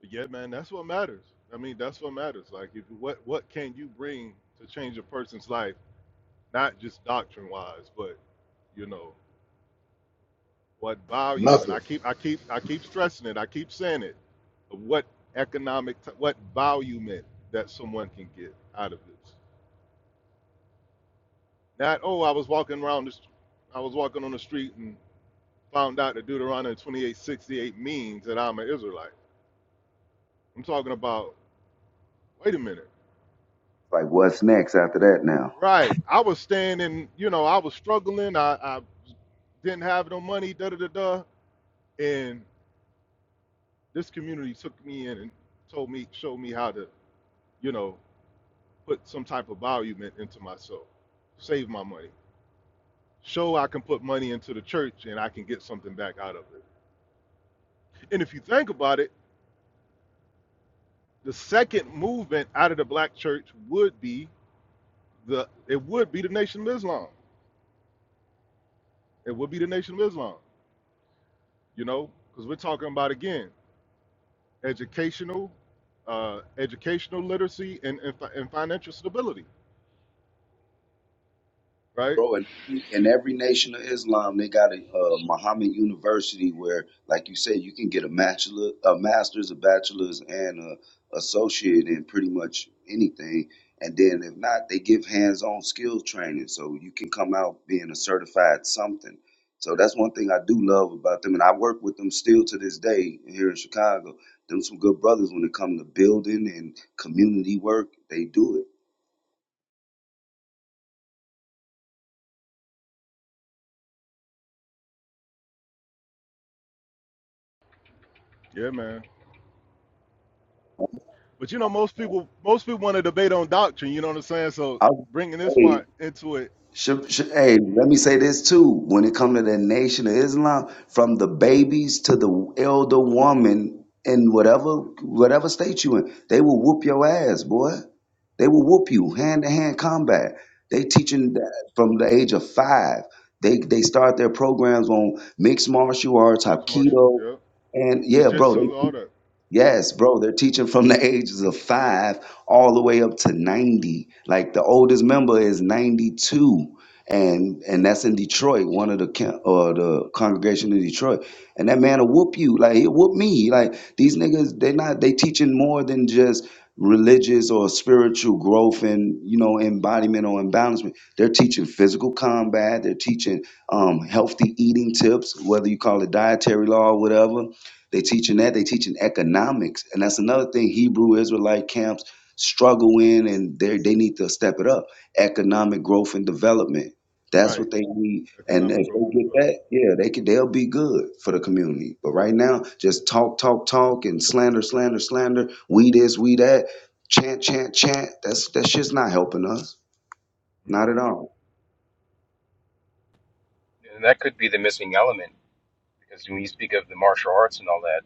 yeah, man, that's what matters. I mean, that's what matters. Like, if what what can you bring to change a person's life, not just doctrine wise, but you know, what value? And Nothing. I keep I keep I keep stressing it. I keep saying it. What economic t- what value meant that someone can get out of this? Not oh, I was walking around this, I was walking on the street and. found out that Deuteronomy 28:68 means that I'm an Israelite. I'm talking about, wait a minute. Like, what's next after that now? Right. I was standing, you know, I was struggling. I, I didn't have no money, da da da da. And this community took me in and told me, showed me how to, you know, put some type of value into myself, save my money, show I can put money into the church and I can get something back out of it. And if you think about it, the second movement out of the black church would be the it would be the Nation of Islam. It would be the Nation of Islam, you know, because we're talking about again educational, uh, educational literacy and, and fi- and financial stability, right? bro. And in every nation of Islam, they got a uh, Muhammad University where, like you said, you can get a bachelor, a master's, a bachelor's, and a associate in pretty much anything. And then if not, they give hands-on skill training, so you can come out being a certified something. So that's one thing I do love about them, and I work with them still to this day here in Chicago. Them some good brothers when it comes to building and community work. They do it. Yeah, man. But you know, most people most people want to debate on doctrine. You know what I'm saying? So bringing this I, part into it, Sh- sh- Hey, hmm let me say this too. When it comes to the Nation of Islam, from the babies to the elder woman in whatever whatever state you in, they will whoop your ass, boy. They will whoop you hand to hand combat. They teaching that from the age of five. They they start their programs on mixed martial arts, next martial, Hapkido, yeah, and yeah, bro. jujitsu, They all that, hmm Yes, bro, they're teaching from the ages of five all the way up to 90. Like the oldest member is 92. And and that's in Detroit, one of the ca- or the congregation in Detroit. And that man will whoop you. Like he'll whoop me. Like these niggas, they not they teaching more than just religious or spiritual growth and you know embodiment or imbalancement. They're teaching physical combat, they're teaching um healthy eating tips, whether you call it dietary law or whatever they teaching that. They teaching economics, and that's another thing Hebrew Israelite camps struggle in, and they they need to step it up. Economic growth and development. That's right? what they need, and if they Economic growth and get that, yeah, they can. They'll be good for the community. But right now, just talk, talk, talk, and slander, slander, slander. We this, we that. Chant, chant, chant. That's that shit's not helping us. Not at development, all. and that could be the missing element because when you speak of the martial arts and all that,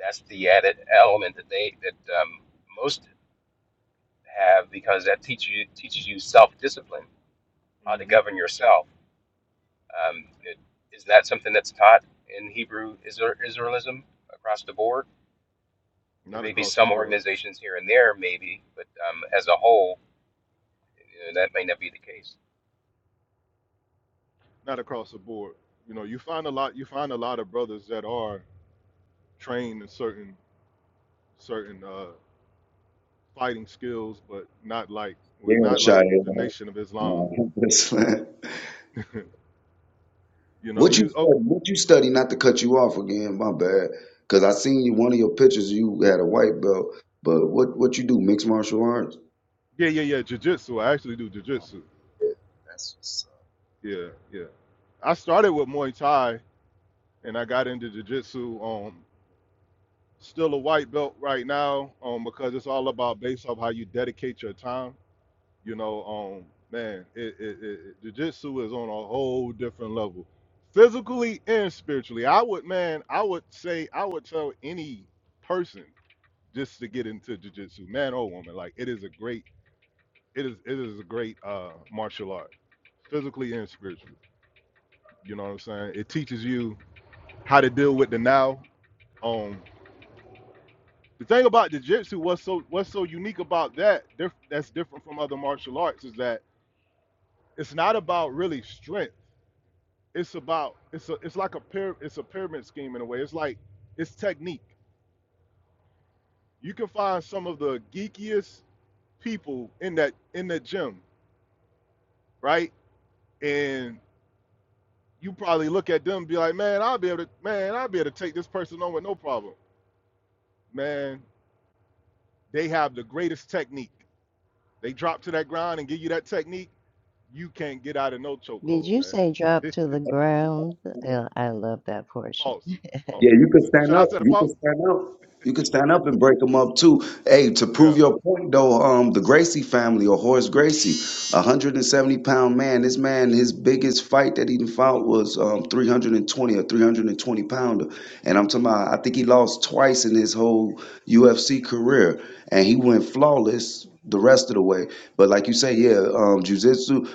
that's the added element that they that um, most have because that teaches you teaches you self discipline, hmm how to hmm govern yourself Um, it, isn't that something that's taught in Hebrew Isra- Israelism across the board? There not may be across the some board. organizations here and there, maybe, but um, as a whole, you know, that may not be the case. not across the board. You know, you find a lot. You find a lot of brothers that are trained in certain certain uh, fighting skills, but not like Yeah, with not like Shia. the Nation of Islam. No, that's you know, What you you oh study? What you study? Not to cut you off again. My bad. Cause I seen you one of your pictures. You had a white belt, but what what you do? Mixed martial arts. yeah yeah yeah jujitsu. I actually do Oh, jujitsu. yeah, that's what's Yeah yeah. I started with Muay Thai and I got into jujitsu. Um, still a white belt right now. Um, because it's all about based off how you dedicate your time You know, um, man, it, it, it, it- jujitsu is on a whole different level, physically and spiritually. I would, man, I would say, I would tell any person just to get into jujitsu, man or woman, like it is a great, it is, it is a great uh, martial art, physically and spiritually. You know what I'm saying? It teaches you how to deal with the now. Um, the thing about jujitsu, what's so, what's so unique about that, diff- that's different from other martial arts, is that it's not about really strength it's about it's a it's like a pyra- it's a pyramid scheme in a way. It's like it's technique. You can find some of the geekiest people in that in the gym, right? And you probably look at them and be like, man, I'll be able to man, I'll be able to take this person on with no problem. Man, they have the greatest technique. They drop to that ground and give you that technique, you can't get out of no Did chokehold, you man. say drop to the ground? Uh, I love that portion. Pause. Pause. Yeah, you can Should stand I up. say the You can pause? stand up. You can stand up and break them up too. Hey, to prove Yeah. your point though, um, the Gracie family or Horace Gracie, a hundred and seventy pound man. This man, his biggest fight that he done fought was um three hundred and twenty or three hundred and twenty pounder, and I'm talking about. I think he lost twice in his whole UFC career, and he went flawless the rest of the way. But like you say, yeah, um, jujitsu,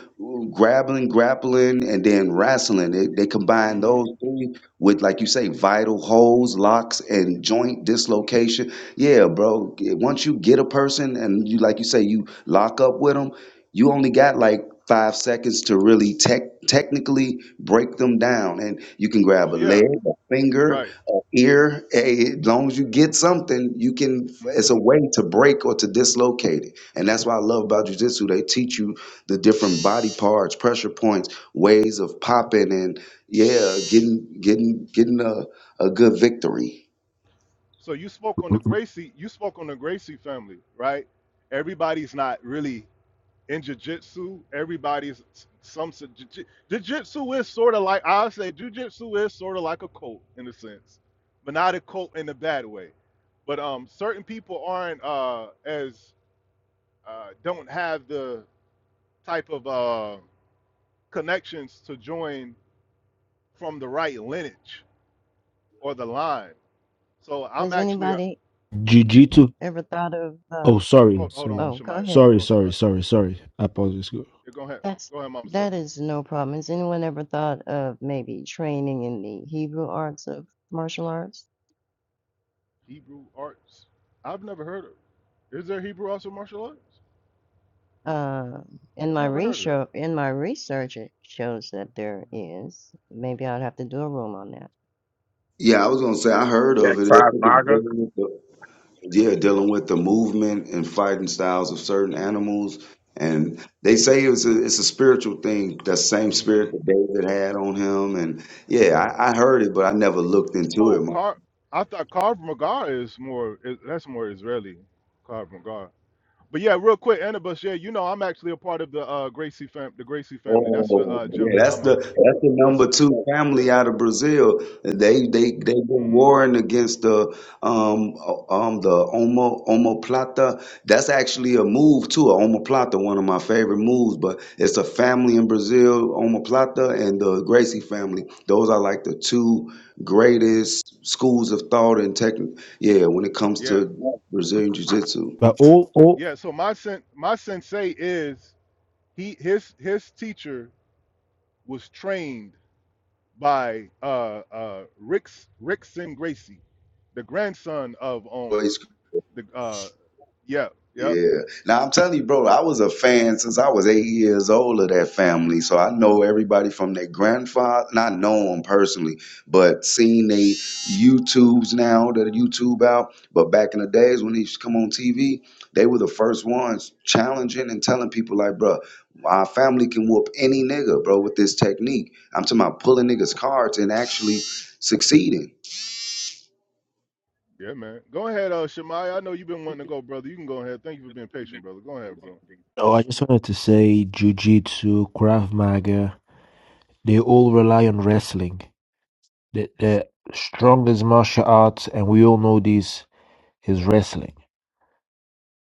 grappling, grappling, and then wrestling. They, they combine hmm those three with like you say vital holes locks and joint dislocation yeah bro yeah, once you get a person and you like you say you lock up with them you only got like five seconds to really tech technically break them down and you can grab Oh a leg yeah. a finger Right. an ear hey, as long as you get something you can it's Mm-hmm. a way to break or to dislocate it and that's what i love about jujitsu. they teach you the different body parts pressure points ways of popping and yeah, getting getting getting a, a good victory. So you spoke on the Gracie, you spoke on the Gracie family, right? Everybody's not really in jiu-jitsu. Everybody's some jiu- jiu-jitsu is sort of like I would say jiu-jitsu is sort of like a cult in a sense, but not a cult in a bad way. But um, certain people aren't uh, as uh, don't have the type of uh, connections to join from the right lineage or the line. So I'm Has actually a, anybody Jiu-Jitsu. ever thought of, uh, Oh, sorry, hold, hold on, sorry, oh, go Shemai. ahead. sorry, Hold on, Shemai. sorry, sorry, sorry. I apologize. Go- Yeah, go ahead. That's Go ahead, Mama Sub. that is no problem. Has anyone ever thought of maybe training in the Hebrew arts of martial arts? Hebrew arts. I've never heard of it. Is there Hebrew arts or martial arts? Uh, in I've my never heard of that. research, in my research, it shows that there is. Maybe I'd have to do a room on that. Yeah, I was gonna say I heard of that it. I tribe think it's Maga. dealing with the, yeah, dealing with the movement and fighting styles of certain animals, and they say it's a it's a spiritual thing. That same hmm spirit that David had on him, and yeah, I, I heard it, but I never looked into Oh, it car. I thought carved magar is more. Is, that's more Israeli. Carved magar. But yeah, real quick, Anibus, yeah, you know I'm actually a part of the uh, Gracie fam, the Gracie family. That's the Oh, uh, gym yeah, that that's I'm the a. that's the That's number the team. two Yeah. family out of Brazil. They they they've been hmm warring against the um uh, um the Omo omoplata. That's actually a move too. A omoplata, one of my favorite moves, but it's a family in Brazil, omoplata and the Gracie family. Those are like the two greatest schools of thought and technique. Yeah, when it comes Yeah. to Brazilian Jiu-Jitsu. But all, all. Yeah. So my sen- my sensei is he his his teacher was trained by uh, uh, Ricks Rickson Gracie, the grandson of um the uh yeah yeah Yeah. Now I'm telling you, bro, I was a fan since I was eight years old of that family. So I know everybody from their grandfather, not know them personally, but seeing they YouTubes now that are YouTube out. But back in the days when they used to come on TV, they were the first ones challenging and telling people like, bro, our family can whoop any nigga, bro, with this technique. I'm talking about pulling niggas cards and actually succeeding. yeah man. Go ahead, uh Shemai. I know you've been wanting to go, brother. You can go ahead. Thank you for being patient, brother. Go ahead, bro. Oh, I just wanted to say, Jiu-Jitsu, Krav Maga. They all rely on wrestling. The, the strongest martial arts, and we all know this, is wrestling.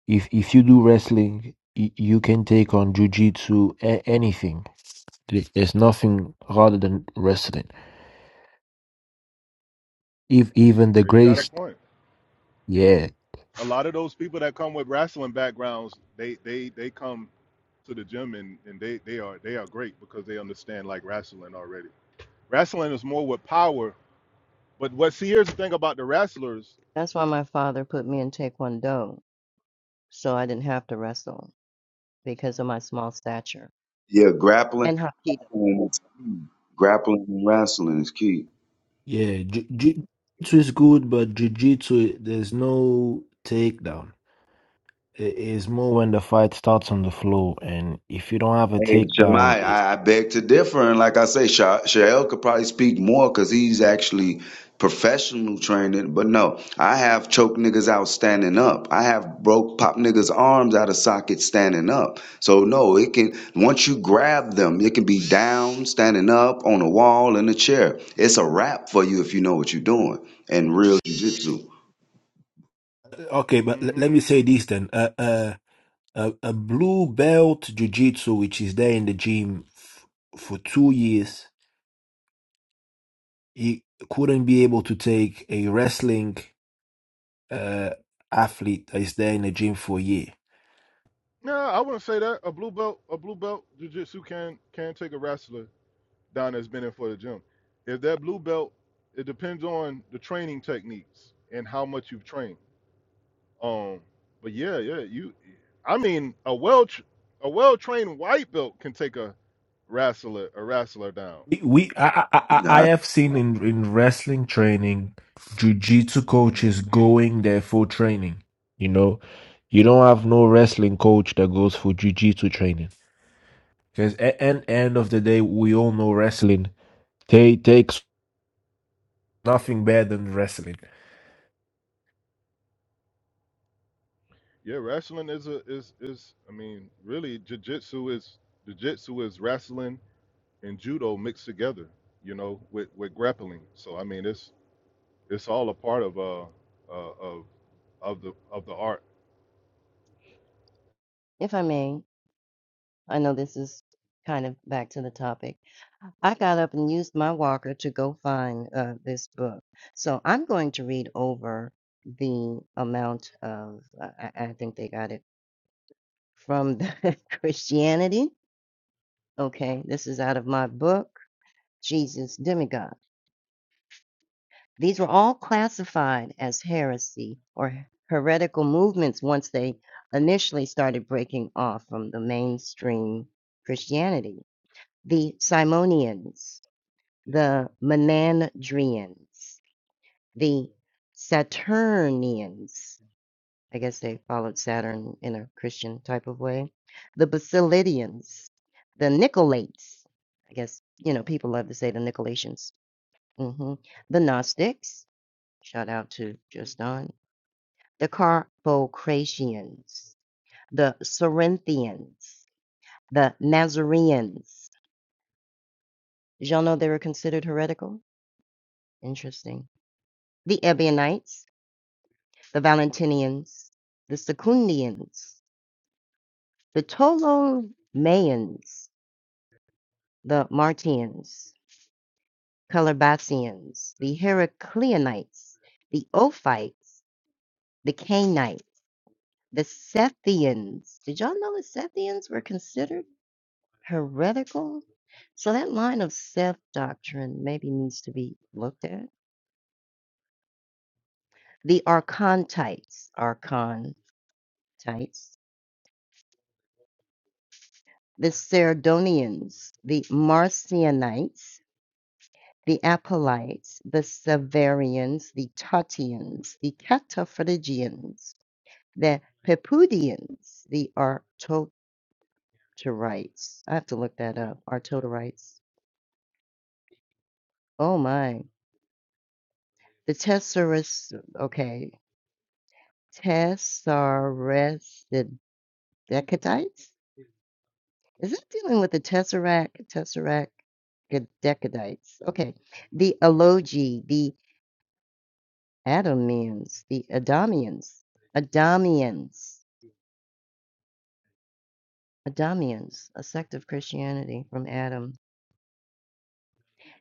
If if you do wrestling, y- you can take on Jujitsu, a- anything. There- There's nothing harder than wrestling. If even the Yeah, you got a greatest, point. yeah, A lot of those people that come with wrestling backgrounds, they they they come to the gym and, and they they are they are great because they understand like wrestling already. Wrestling is more with power, but what see here's the thing about the wrestlers. That's why my father put me in Taekwondo, so I didn't have to wrestle because of my small stature. Yeah, grappling, And Hapkido. grappling and wrestling is key. Yeah, ju- jiu-jitsu is good, but jiu-jitsu, there's no takedown. I- It's more when the fight starts on the floor, and if you don't have a Hey, takedown, Shemai, it... I, I beg to differ. And like I say, Sha- Shael could probably speak more because he's actually professional training. But no, I have choked niggas out standing up. I have broke pop niggas' arms out of socket standing up. So no, it can, once you grab them, it can be down, standing up, on a wall, in a chair. It's a wrap for you if you know what you're doing and real jujitsu. Okay, but l- Mhm. let me say this then. Uh, uh, a, a blue belt jiu-jitsu, which is there in the gym f for two years, he couldn't be able to take a wrestling uh, athlete that is there in the gym for a year. No, I wouldn't say that. A blue belt, a blue belt jujitsu can can take a wrestler down that's been in for the gym. If that blue belt, it depends on the training techniques and how much you've trained. Um, but yeah, yeah, you. I mean, a well tr- a well trained white belt can take a wrestler a wrestler down. we we I, I I I Nah, have seen in in wrestling training jiu-jitsu hmm coaches going there for training you know you don't have no wrestling coach that goes for jiu-jitsu training because at, at end of the day we all know wrestling they takes nothing better than wrestling Yeah, wrestling is a is is. I mean, really, jujitsu is jujitsu is wrestling and judo mixed together. You know, with with grappling. So I mean, it's It's all a part of uh, uh of of the of the art. If I may, I know this is kind of back to the topic. I got up and used my walker to go find uh, this book. So I'm going to read over the amount of, uh, I, I think they got it from the Christianity Okay, this is out of my book, Jesus Demigod. These were all classified as heresy or heretical movements once they initially started breaking off from the mainstream Christianity. The Simonians, the Menandrians, the Saturnians, I guess they followed Saturn in a Christian type of way, the Basilidians, the Nicolaitans. I guess, you know, people love to say the Nicolaitans Mhm. The Gnostics, shout out to Justin, the Carpocratians, the Cerinthians, the Nazareans. Did y'all know they were considered heretical? Interesting. The Ebionites, the Valentinians, the Secundians, the Ptolemaeans, the Martians, Calabasians, the Heracleonites, the Ophites, the Cainites The Sethians. Did y'all know the Sethians were considered heretical? So that line of Seth doctrine maybe needs to be looked at. The Archontites, Archontites, the Sardonians, the Marcionites, the Apollites, the Severians, the Tatians, the Cataphrygians, the Pepudians, the Artoterites. I have to look that up. Artoterites. Oh my. The Tesseract okay, Tessaractidecadites? Is that dealing with the Tesseract, Tesseractidecadites? Okay. The Elogi, the Adamians, the Adamians, Adamians, Adamians, a sect of Christianity from Adam.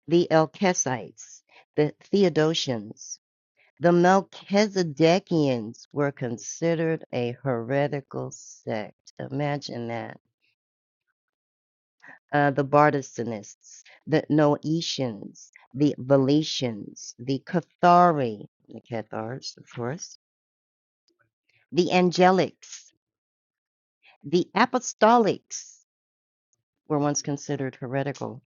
The Elkesites, the Theodosians, the Melchizedekians were considered a heretical sect. Imagine that uh, the Bardistanists, the Noetians, the Valetians, the Cathari, the Cathars, of course, the Angelics, the Apostolics were once considered heretical,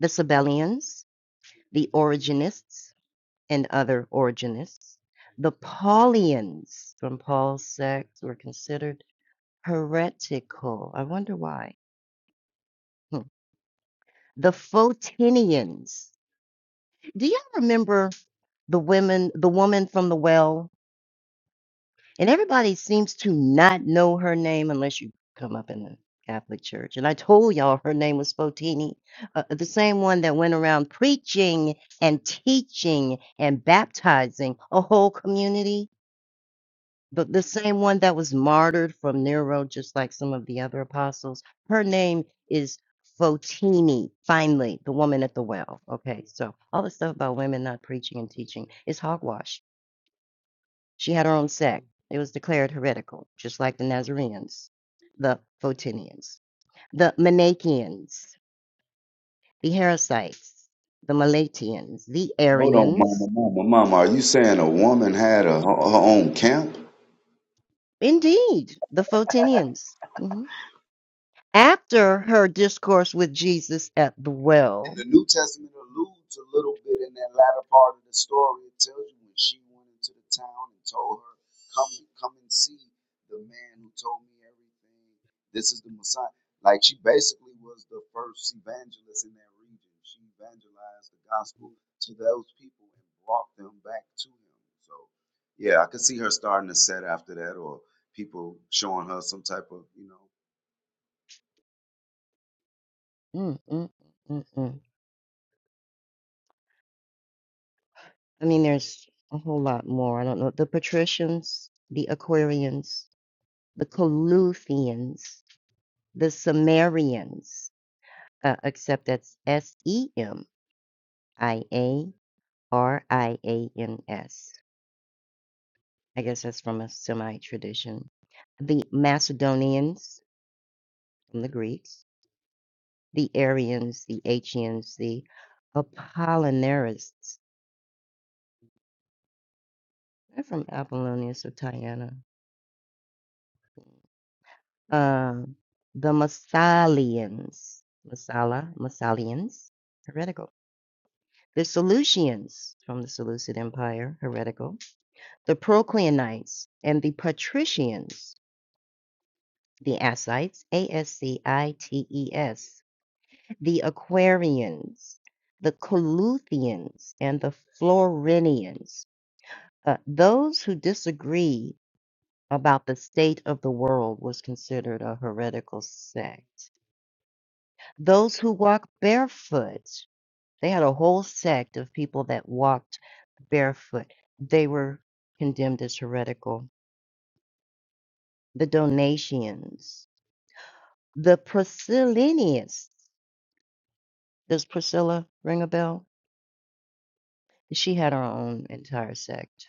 the Sabellians, the Origenists, and other Origenists, the Paulians from Paul's sect were considered heretical. I wonder why. Hmm. The Photinians. Do y'all remember the women, the woman from the well, and everybody seems to not know her name unless you come up in the Catholic Church. And I told y'all her name was Spotini, uh, the same one that went around preaching and teaching and baptizing a whole community, but the same one that was martyred from Nero, just like some of the other apostles. Her name is Fotini, finally, the woman at the well. Okay, so all the stuff about women not preaching and teaching is hogwash She had her own sect. It was declared heretical, just like the Nazarenes, the Photinians, the Manichaeans, the Heresites, the Melatians, the hold on, mama, Arians, mama, mama. Are you saying a woman had a, her her own camp? indeed, the Photinians. Mhm. After her discourse with Jesus at the In the well, nude part of the story, the know me everything. This is how- like she basically was the first evangelist in that region. She evangelized the gospel to those people and brought them back to him. So yeah, I could see her starting to set after that or people showing her some type of, you know. mm, mm, mm, mm. I mean, there's a whole lot more. I don't know. The Patricians, the Aquarians, the Coluthians, the Sumerians. Uh, except that's S E M I A R I A N S. I guess that's from a Semite tradition. The Macedonians from the Greeks, the Arians, the Achaeans, the Apollinarists. They're from Apollonius of Tyana. Um, the Massalians, Massala, Massalians, heretical. The Seleucians from the Seleucid Empire, heretical. The Procleanites and the Patricians the Ascites, A-S-C-I-T-E-S, the Aquarians, the Coluthians, and the Florinians. Uh, those who disagree about the state of the world was considered a heretical sect. Those who walk barefoot, they had a whole sect of people that walked barefoot. They were condemned as heretical. The Donatians, the Priscillinians. Does Priscilla ring a bell? She had her own entire sect.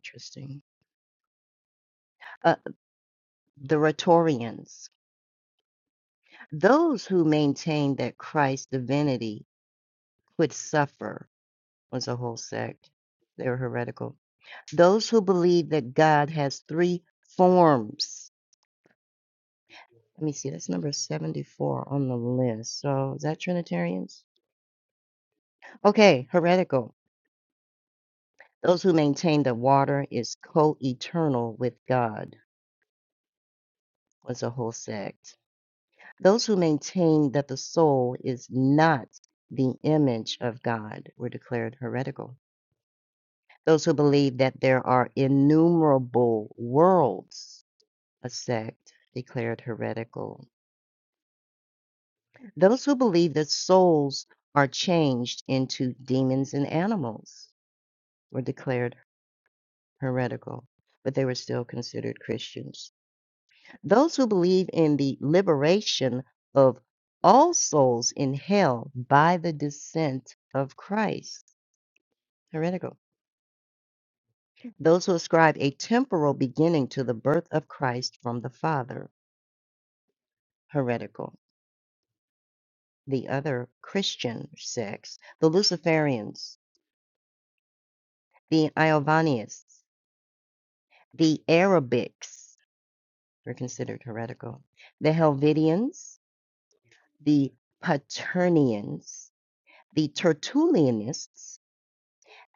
Interesting. Uh, the Rhetorians. Those who maintained that Christ's divinity could suffer was a whole sect. They were heretical. Those who believe that God has three forms. Let me see, that's number 74 on the list. So is that Trinitarians? Okay, heretical. Those who maintain that water is co eternal with God was a whole sect Those who maintain that the soul is not the image of God were declared heretical. Those who believe that there are innumerable worlds, a sect, declared heretical. Those who believe that souls are changed into demons and animals were declared heretical, but they were still considered Christians. Those who believe in the liberation of all souls in hell by the descent of Christ. Heretical. Those who ascribe a temporal beginning to the birth of Christ from the Father. Heretical. The other Christian sects, the Luciferians, the Iovanians, the Arabics were considered heretical, the Helvidians, the Paternians, the Tertullianists,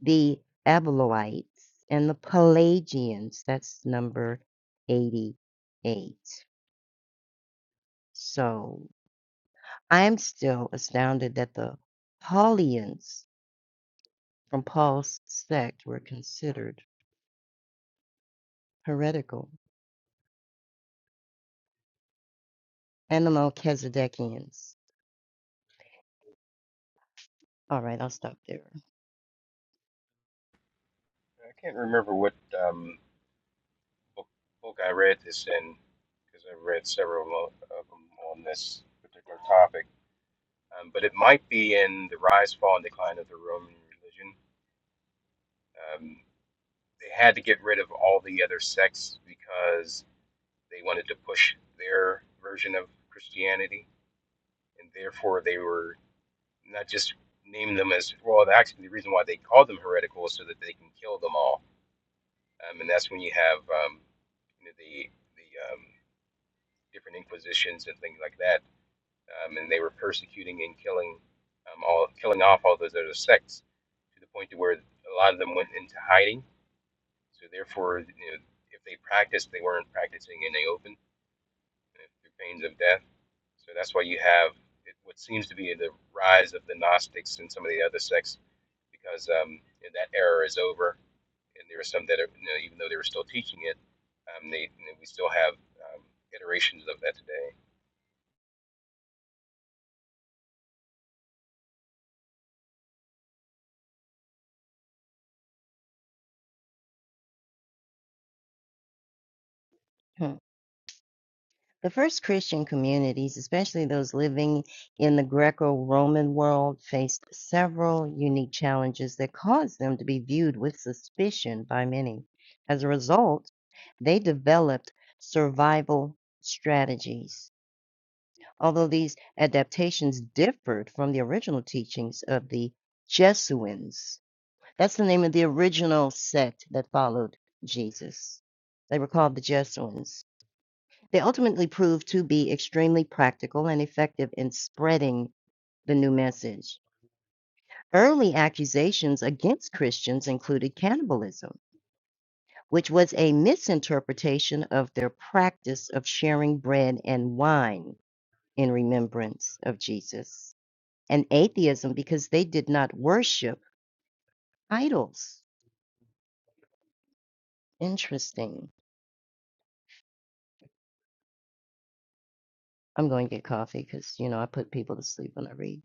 the Abeloites and the Pelagians. That's number 88. So I'm still astounded that the Paulians from Paul's sect were considered heretical and the Melchizedekians. All right, I'll stop there. I can't remember what um, book, book I read this in because I've read several of them on this particular topic, um, but it might be in The Rise, Fall, and Decline of the Roman Religion. Um, they had to get rid of all the other sects because. They wanted to push their version of Christianity, and therefore they were not just naming them as well. Actually, the reason why they called them heretical is so that they can kill them all, um, and that's when you have um, you know, the the um, different inquisitions and things like that, um, and they were persecuting and killing um, all killing off all those other sects to the point to where a lot of them went into hiding. So therefore, you know, if they practiced, they weren't practicing in the open uh, through pains of death So that's why you have it, what seems to be the rise of the Gnostics and some of the other sects, because um, that era is over, and there are some that are, you know, even though they were still teaching it, um, they you know, we still have um, iterations of that today. Hmm. The first Christian communities, especially those living in the Greco Roman world, faced several unique challenges that caused them to be viewed with suspicion by many. As a result, they developed survival strategies. Although these adaptations differed from the original teachings of the Jesuins, that's the name of the original sect that followed Jesus. They were called the Jesuins. They ultimately proved to be extremely practical and effective in spreading the new message. Early accusations against Christians included cannibalism, which was a misinterpretation of their practice of sharing bread and wine in remembrance of Jesus, and atheism because they did not worship idols. Interesting. I'm going to get coffee because, you know, I put people to sleep when I read.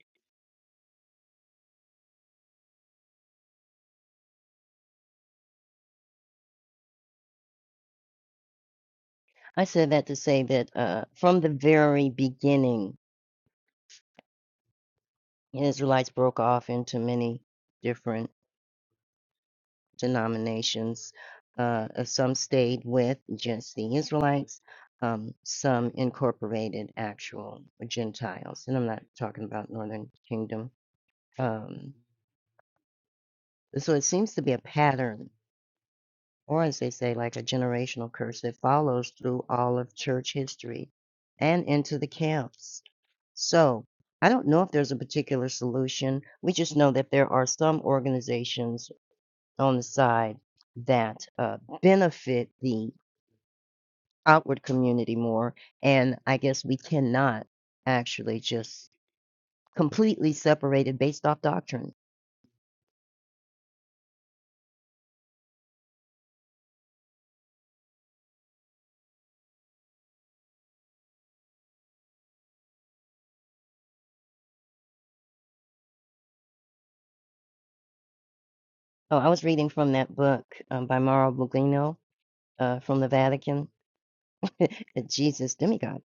I said that to say that uh, from the very beginning, The Israelites broke off into many different denominations. Uh, uh, some stayed with just the Israelites. Um, some incorporated actual Gentiles, and I'm not talking about Northern Kingdom. Um, so it seems to be a pattern, or as they say, like a generational curse that follows through all of church history and into the camps. So I don't know if there's a particular solution. We just know that there are some organizations on the side that uh, benefit the outward community more. And I guess we cannot actually just completely separate it based off doctrine. Oh, I was reading from that book um, by Mauro Buglino uh, from the Vatican, The Jesus Demigod,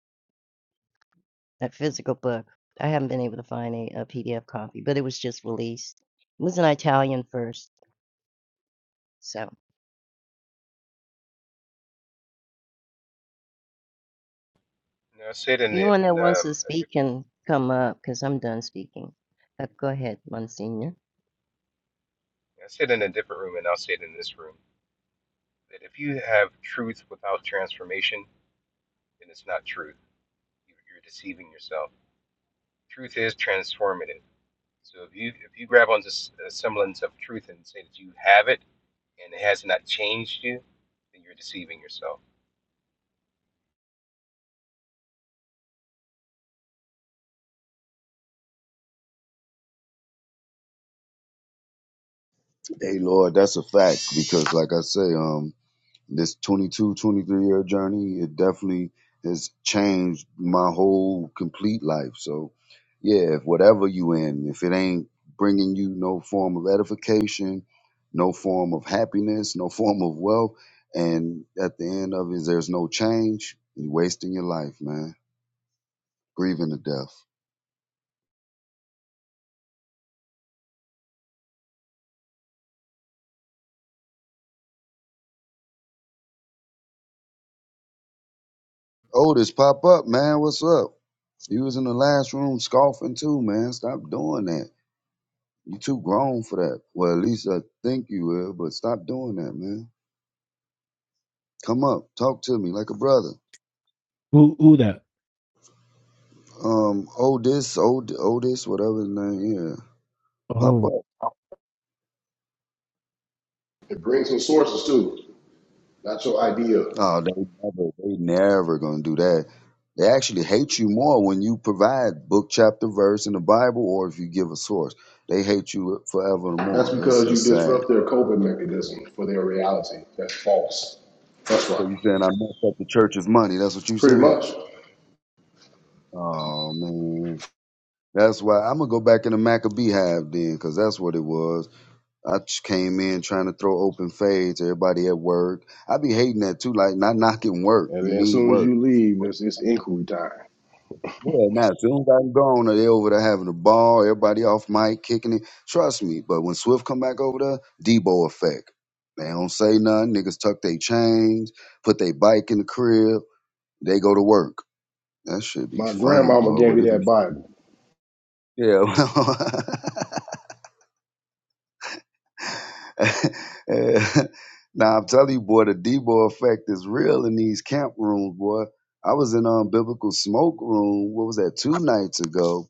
that physical book. I haven't been able to find a, PDF copy, but it was just released. It was an Italian first, so. And I said in, the, Anyone that in wants um, to a speak different, can come up because I'm done speaking. Uh, go ahead, Monsignor. I said in a different room, and I'll say it in this room that if you have truth without transformation, then it's not truth. You- are deceiving yourself. Truth is transformative. So if you if you grab onto a semblance of truth and say that you have it and it has not changed you, then you're deceiving yourself. Hey, Lord, that's a fact because, like I say, um, this 22, 23 year journey, it definitely has changed my whole complete life. So, yeah, if whatever you in, if it ain't bringing you no form of edification, no form of happiness, no form of wealth, and at the end of it, there's no change, you're wasting your life, man, grieving to death. Otis, pop up, man. What's up? You was in the last room scoffing too, man. Stop doing that. You too grown for that. Well, at least I think you will, but stop doing that, man. Come up, talk to me like a brother. Who who that? Um, Otis, Od- Otis, whatever his name, yeah. Pop up. It brings in sources too, not your idea. Oh, they never, they never gonna do that. They actually hate you more when you provide book, chapter, verse in the Bible, or if you give a source. They hate you That's forevermore. That's because you that's sad. disrupt their coping mechanism for their reality. That's false. That's right. So you saying I messed up the church's money? That's what you Pretty saying? much. Oh man, that's why I'm gonna go back in the Maccabee hive then, cause that's what it was. I just came in trying to throw open fades. Everybody at work. I be hating that too. Like not knocking work. And You then as need soon as work. you leave, But it's, it's inquiry time. yeah, now as soon as I'm gone, they over there having a ball. Everybody off mic kicking it. Trust me. But when Swift come back over there, Debo effect. They don't say nothing. Niggas tuck they chains, put they bike in the crib. They go to work. That should be My funny, grandmama boy. gave Would me it that be? Bible. Yeah. now I'm telling you, boy, the Debo effect is real in these camp rooms, boy. I was in um biblical smoke room. What was that? Two nights ago,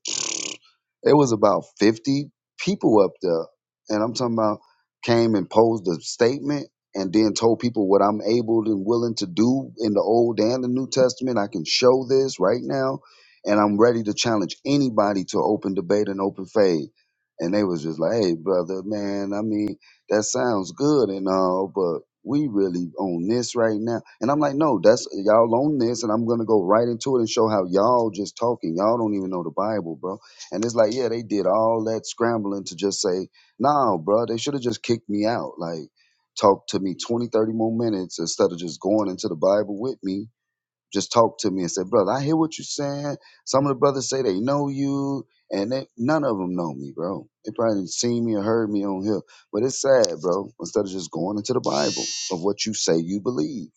it was about 50 people up there. And I'm talking about came and posed a statement and then told people what I'm able and willing to do in the Old and the New Testament. I can show this right now. And I'm ready to challenge anybody to open debate and open faith. And they was just like, hey, brother, man, I mean, that sounds good and all, but we really on this right now. And I'm like, no, that's y'all on this. And I'm going to go right into it and show how y'all just talking. Y'all don't even know the Bible, bro. And it's like, yeah, they did all that scrambling to just say, no, bro, they should have just kicked me out. Like, talk to me 20, 30 more minutes instead of just going into the Bible with me. Just talk to me and say, brother, I hear what you're saying. Some of the brothers say they know you, and they, none of them know me, bro. They probably didn't see me or heard me on here. But it's sad, bro, instead of just going into the Bible of what you say you believe.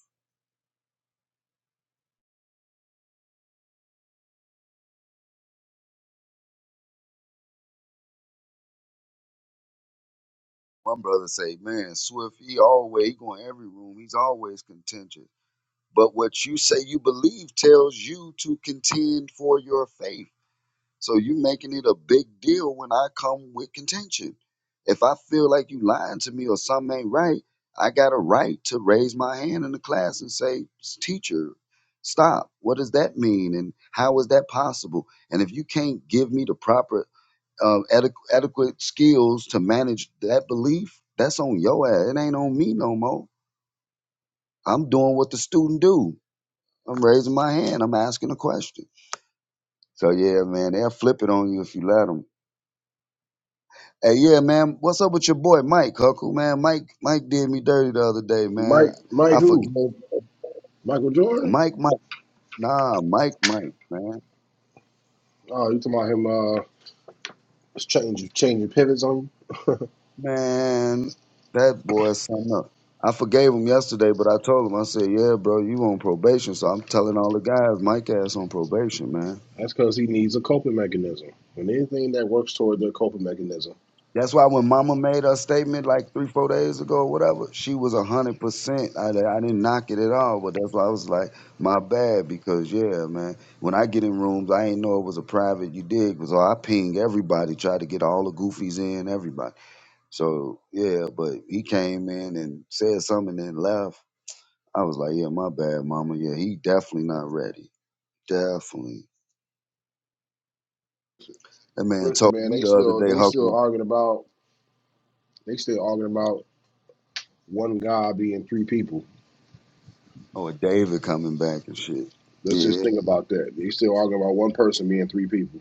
One brother say, man, Swift, he always he going every room. He's always contentious. But what you say you believe tells you to contend for your faith. So you making it a big deal when I come with contention. If I feel like you lying to me or something ain't right, I got a right to raise my hand in the class and say, teacher, stop. What does that mean? And how is that possible? And if you can't give me the proper uh, adequ- adequate skills to manage that belief, that's on your ass. It ain't on me no more. I'm doing what the student do. I'm raising my hand. I'm asking a question. So yeah, man, they'll flip it on you if you let them. Hey, yeah, man, what's up with your boy Mike Huckle, man? Mike, Mike did me dirty the other day, man. Mike, Mike I who? forgave Michael Jordan? Mike, Mike, nah, Mike, Mike, man, Oh, you talking about him uh just changing changing pivots on you? man, that boy, is something up. I forgave him yesterday, but I told him, I said, yeah, bro, you on probation, so I'm telling all the guys, Mike ass on probation, man. That's because he needs a coping mechanism. And anything that works toward their coping mechanism. That's why when Mama made her statement like three, four days ago, or whatever, she was a hundred percent. I I didn't knock it at all, but that's why I was like, my bad, because yeah, man, when I get in rooms, I ain't know it was a private. You dig? Because I ping everybody, try to get all the goofies in, everybody. So yeah, but he came in and said something and then left. I was like, yeah, my bad, Mama. Yeah, he definitely not ready. Definitely. That man Listen, told man, me they the other still day, they still Huckle, arguing about they still arguing about one God being three people. oh, David coming back and shit. Let's just Yeah. think about that. They still arguing about one person being three people.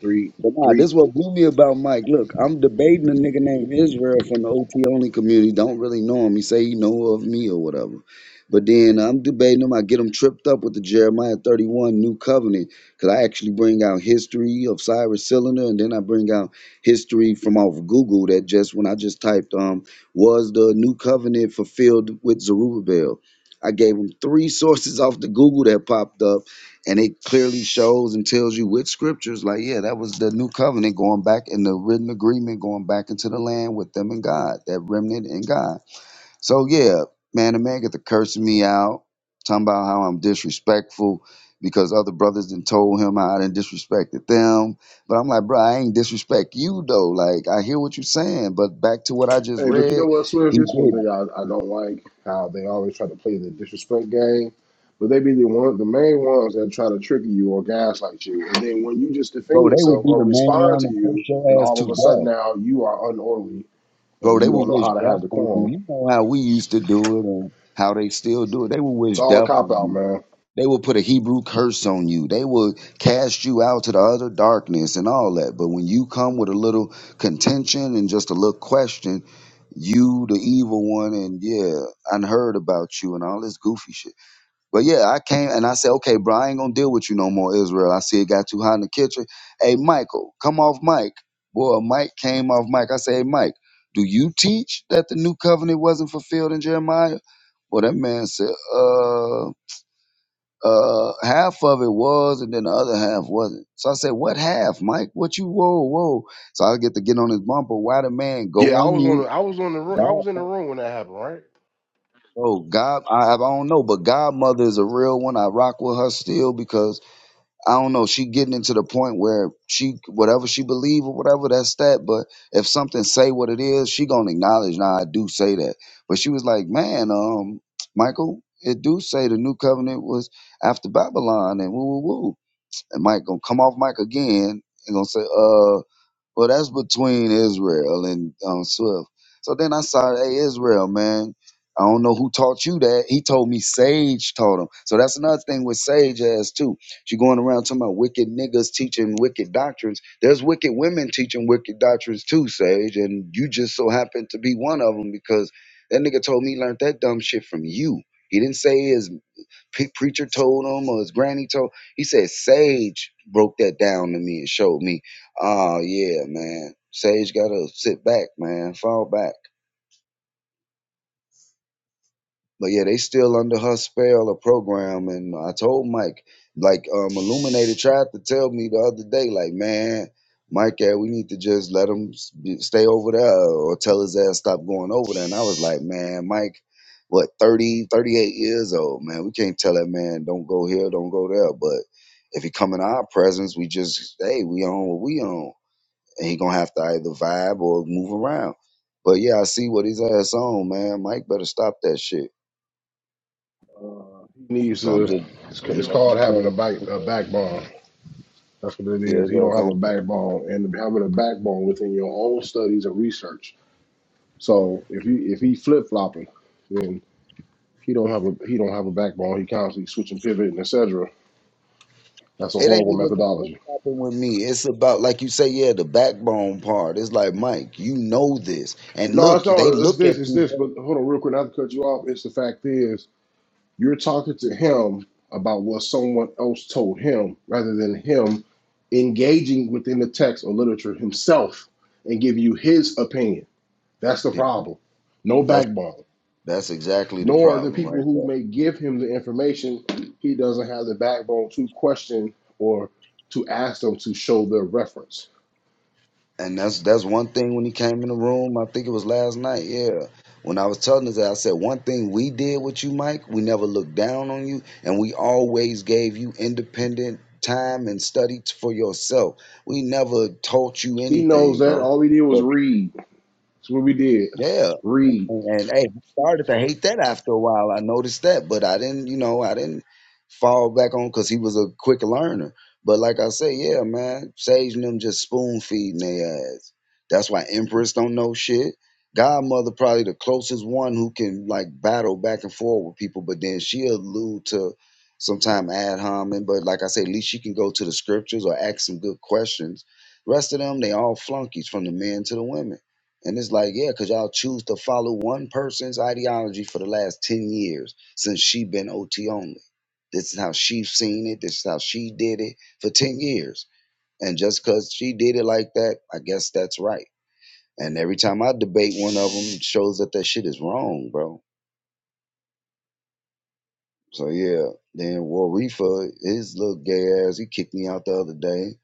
Three, But nah, three. this what blew me about Mike. Look, I'm debating a nigga named Israel from the OT only community. Don't really know him. He say he know of me or whatever. But then I'm debating him. I get him tripped up with the Jeremiah 31 New Covenant because I actually bring out history of Cyrus Cylinder and then I bring out history from off Google that just when I just typed um was the New Covenant fulfilled with Zerubbabel. I gave him three sources off the Google that popped up and it clearly shows and tells you with scriptures like yeah that was the new covenant going back in the written agreement going back into the land with them and god that remnant and god so yeah man the man got to cursing me out talking about how i'm disrespectful because other brothers done told him how i done disrespected them but i'm like bro i ain't disrespect you though like i hear what you're saying but back to what i just Hey, but you read know what, Swift? he This one did thing I, I don't like how they always try to play the disrespect game. But they be the one, the main ones that try to trigger you or gaslight you. And then when you just defend bro they will yourself be or the main respond one to to push you, then your ass all to of a sudden death now you are unorderly Bro, and they you would don't know wish how to have death on you. decorum. You know how we used to do it and how they still do it. They would It's wish all a death cop on out, you. man. They would put a Hebrew curse on you. They would cast you out to the other darkness and all that. But when you come with a little contention and just a little question, you the evil one and yeah, I heard about you and all this goofy shit. But yeah, I came and I said, okay, bro, I ain't gonna deal with you no more, Israel. I see it got too hot in the kitchen. Hey, Michael, come off mic. Boy, Mike came off mic. I say, hey, Mike, do you teach that the new covenant wasn't fulfilled in Jeremiah? Well, that man said, uh, uh, half of it was, and then the other half wasn't. So I said, what half, Mike? What you, whoa, whoa. So I get to get on his bumper. Why the man go Yeah, I on was on. The, mute? I was on the. room. I was in the God, room when that happened, right? oh, God, I, I don't know, but Godmother is a real one. I rock with her still because I don't know. She getting into the point where she whatever she believe or whatever that's that. But if something say what it is, she gonna acknowledge. Now I do say that. But she was like, man, um, Michael, it do say the new covenant was after Babylon and woo woo woo. And Mike gonna come off Mike again and gonna say, uh. Well, that's between Israel and um, Swift. So then I saw, hey, Israel, man, I don't know who taught you that. He told me Sage taught him. So that's another thing with Sage as too. She going around talking about wicked niggas teaching wicked doctrines. There's wicked women teaching wicked doctrines too, Sage, and you just so happen to be one of them because that nigga told me he learned that dumb shit from you. He didn't say his pre- preacher told him or his granny told. He said Sage broke that down to me and showed me. Oh yeah, man. Sage gotta sit back, man. Fall back. But yeah, they still under her spell or program. And I told Mike, like um, Illuminated tried to tell me the other day, like, man, Mike, eh, we need to just let him s- be- stay over there or tell his ass stop going over there. And I was like, man, Mike, what, 30, 38 years old, man. We can't tell that man, don't go here, don't go there. But if he come in our presence, we just, hey, we on what we on. And he gonna have to either vibe or move around. But yeah, I see what his ass on, man. Mike better stop that shit. He needs So I'm to. just, It's, ca- I'm it's like, called you having a know, back a backbone. That's what it yeah, is. He don't that's have on. a backbone, and having a backbone within your own studies and research. So if you if he flip flopping, then he don't have a he don't have a backbone. He constantly switching, pivoting, etc. That's a It ain't horrible even the flip methodology. flopping with me. It's about, like you say, yeah, the backbone part. It's like, Mike, you know this, and No, it's look, they not. It's look at this. It's you. this. But hold on, real quick. Not to cut you off. It's the fact is You're talking to him about what someone else told him rather than him engaging within the text or literature himself and give you his opinion. That's the Yeah, problem. No that's backbone. that's exactly the Nor the problem right people there. who may give him the information, he doesn't have the backbone to question or to ask them to show their reference. And that's that's one thing when he came in the room. I think it was last night. Yeah, when I was telling him that, I said one thing we did with you, Mike. We never looked down on you, and we always gave you independent time and study t- for yourself. We never taught you He knows anything, that bro. all we did was But read. That's what we did. yeah, Read. and hey, I started to hate that after a while. I noticed that, but I didn't, you know, I didn't fall back on because he was a quick learner. But like I say, yeah, man, Sage and them just spoon feeding their ass. That's why Empress don't know shit. Godmother probably the closest one who can like battle back and forth with people, but then she allude to sometime ad hominem. But like I say, at least she can go to the scriptures or ask some good questions. Rest of them, they all flunkies from the men to the women. And it's like, yeah, because y'all choose to follow one person's ideology for the last 10 years since she been OT only. This is how she seen it. This is how she did it for 10 years. And just because she did it like that, I guess that's right. And every time I debate one of them, it shows that that shit is wrong, bro. So yeah, then Warifa, his little gay ass, he kicked me out the other day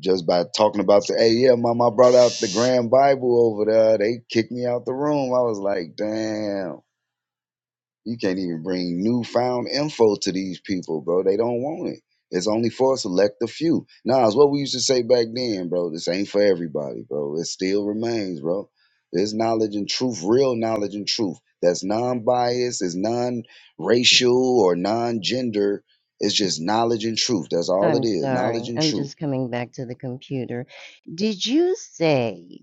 just by talking about the, hey, yeah, mom, I brought out the Grand Bible over there. They kicked me out the room. I was like, damn. You can't even bring newfound info to these people, bro. They don't want it. It's only for a select a few. Nah, it's what we used to say back then, bro. This ain't for everybody, bro. It still remains, bro. There's knowledge and truth, real knowledge and truth that's non biased, is non racial or non gender. It's just knowledge and truth. That's all I'm it is. Knowledge sorry. and I'm truth. just coming back to the computer. Did you say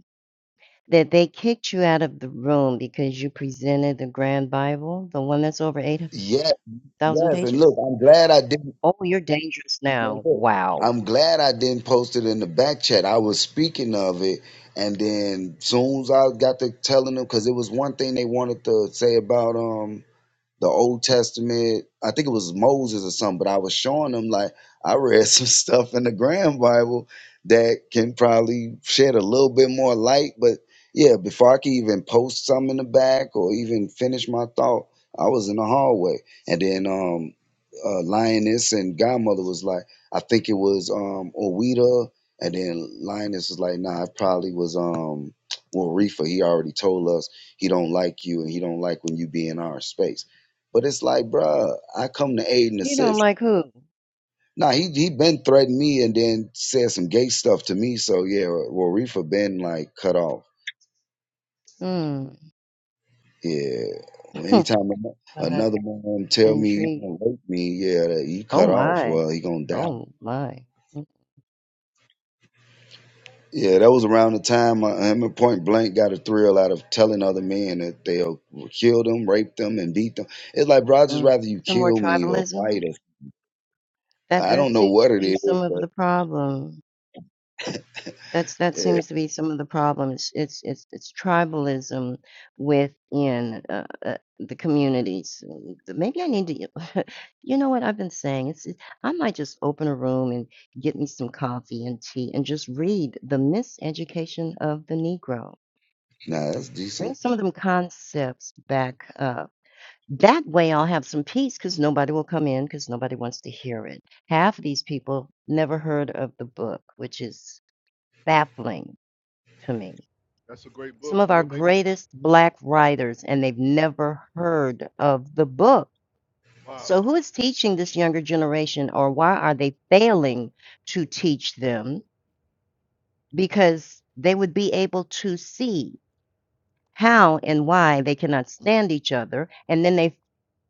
that they kicked you out of the room because you presented the Grand Bible, the one that's over Yes, 8,000 yes. And pages? look, I'm glad I did Oh, you're dangerous No, now. look, Wow. I'm glad I didn't post it in the back chat. I was speaking of it, and then soon as I got to telling them, because it was one thing they wanted to say about um the Old Testament. I think it was Moses or something, but I was showing them like I read some stuff in the Grand Bible that can probably shed a little bit more light. But yeah, before I could even post something in the back or even finish my thought, I was in the hallway. And then um uh, Lioness and Godmother was like, I think it was um Owita. And then Lioness was like, nah, it probably was um well Reefer. He already told us he don't like you and he don't like when you be in our space. But it's like, bruh, I come to aid and You don't assist. like who? Nah, he he been threatening me and then said some gay stuff to me. So yeah, well, Reefa been like cut off. Hmm. Yeah, anytime ano- Kind of another man tell me he gonna intriguing. rape me, yeah, that he Oh, cut off. my. Well, he gonna die. Oh, my. Yeah, that was around the time uh, him and Point Blank got a thrill out of telling other men that they'll kill them, rape them, and beat them. It's like, bro, I just Mm-mm. rather you Some more kill me or fight tribalism? us. That I don't that know seems what to it be is, some of but the problem. That's that yeah, seems to be some of the problem. It's it's it's it's tribalism within uh, uh, the communities. Mm, Maybe I need to, you know what I've been saying? It's it, I might just open a room and get me some coffee and tea and just read the miseducation of the Negro. nah, that's Bring decent. some of them concepts back that way I'll have some peace because nobody will come in because nobody wants to hear it. Half of these people never heard of the book, which is baffling to me. That's a great book. Some of our You'll make me greatest Black writers, and they've never heard of the book. wow. So who is teaching this younger generation, or why are they failing to teach them? Because they would be able to see how and why they cannot stand each other, and then they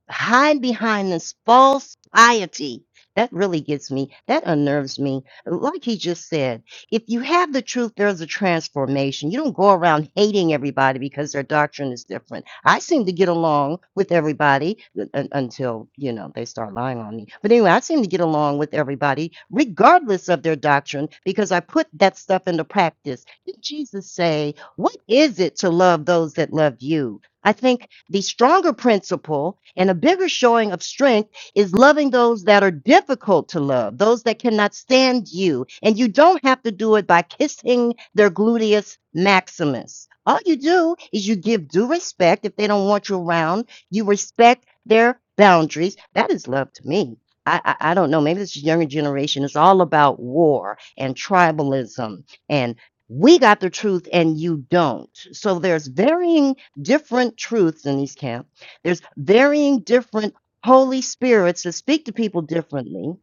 hide behind this false piety. That really gets me. That unnerves me. Like he just said, if you have the truth, there's a transformation. You don't go around hating everybody because their doctrine is different. I seem to get along with everybody u- un- until, you know, they start lying on me. But anyway, I seem to get along with everybody regardless of their doctrine because I put that stuff into practice. Did Jesus say, What is it to love those that love you? I think the stronger principle and a bigger showing of strength is loving those that are difficult to love, those that cannot stand you. And you don't have to do it by kissing their gluteus maximus. All you do is you give due respect. If they don't want you around, you respect their boundaries. That is love to me. I, I, I don't know. Maybe this younger generation is all about war and tribalism and we got the truth and you don't. So there's varying different truths in these camps. There's varying different Holy Spirits that speak to people differently.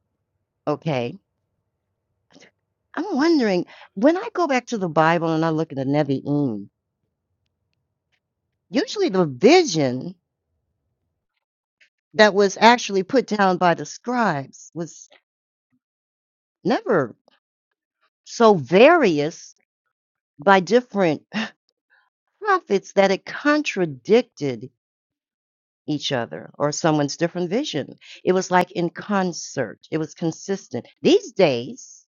Okay. I'm wondering when I go back to the Bible and I look at the Nevi'im, usually the vision that was actually put down by the scribes was never so various by different prophets that it contradicted each other or someone's different vision. It was like in concert, it was consistent. These days,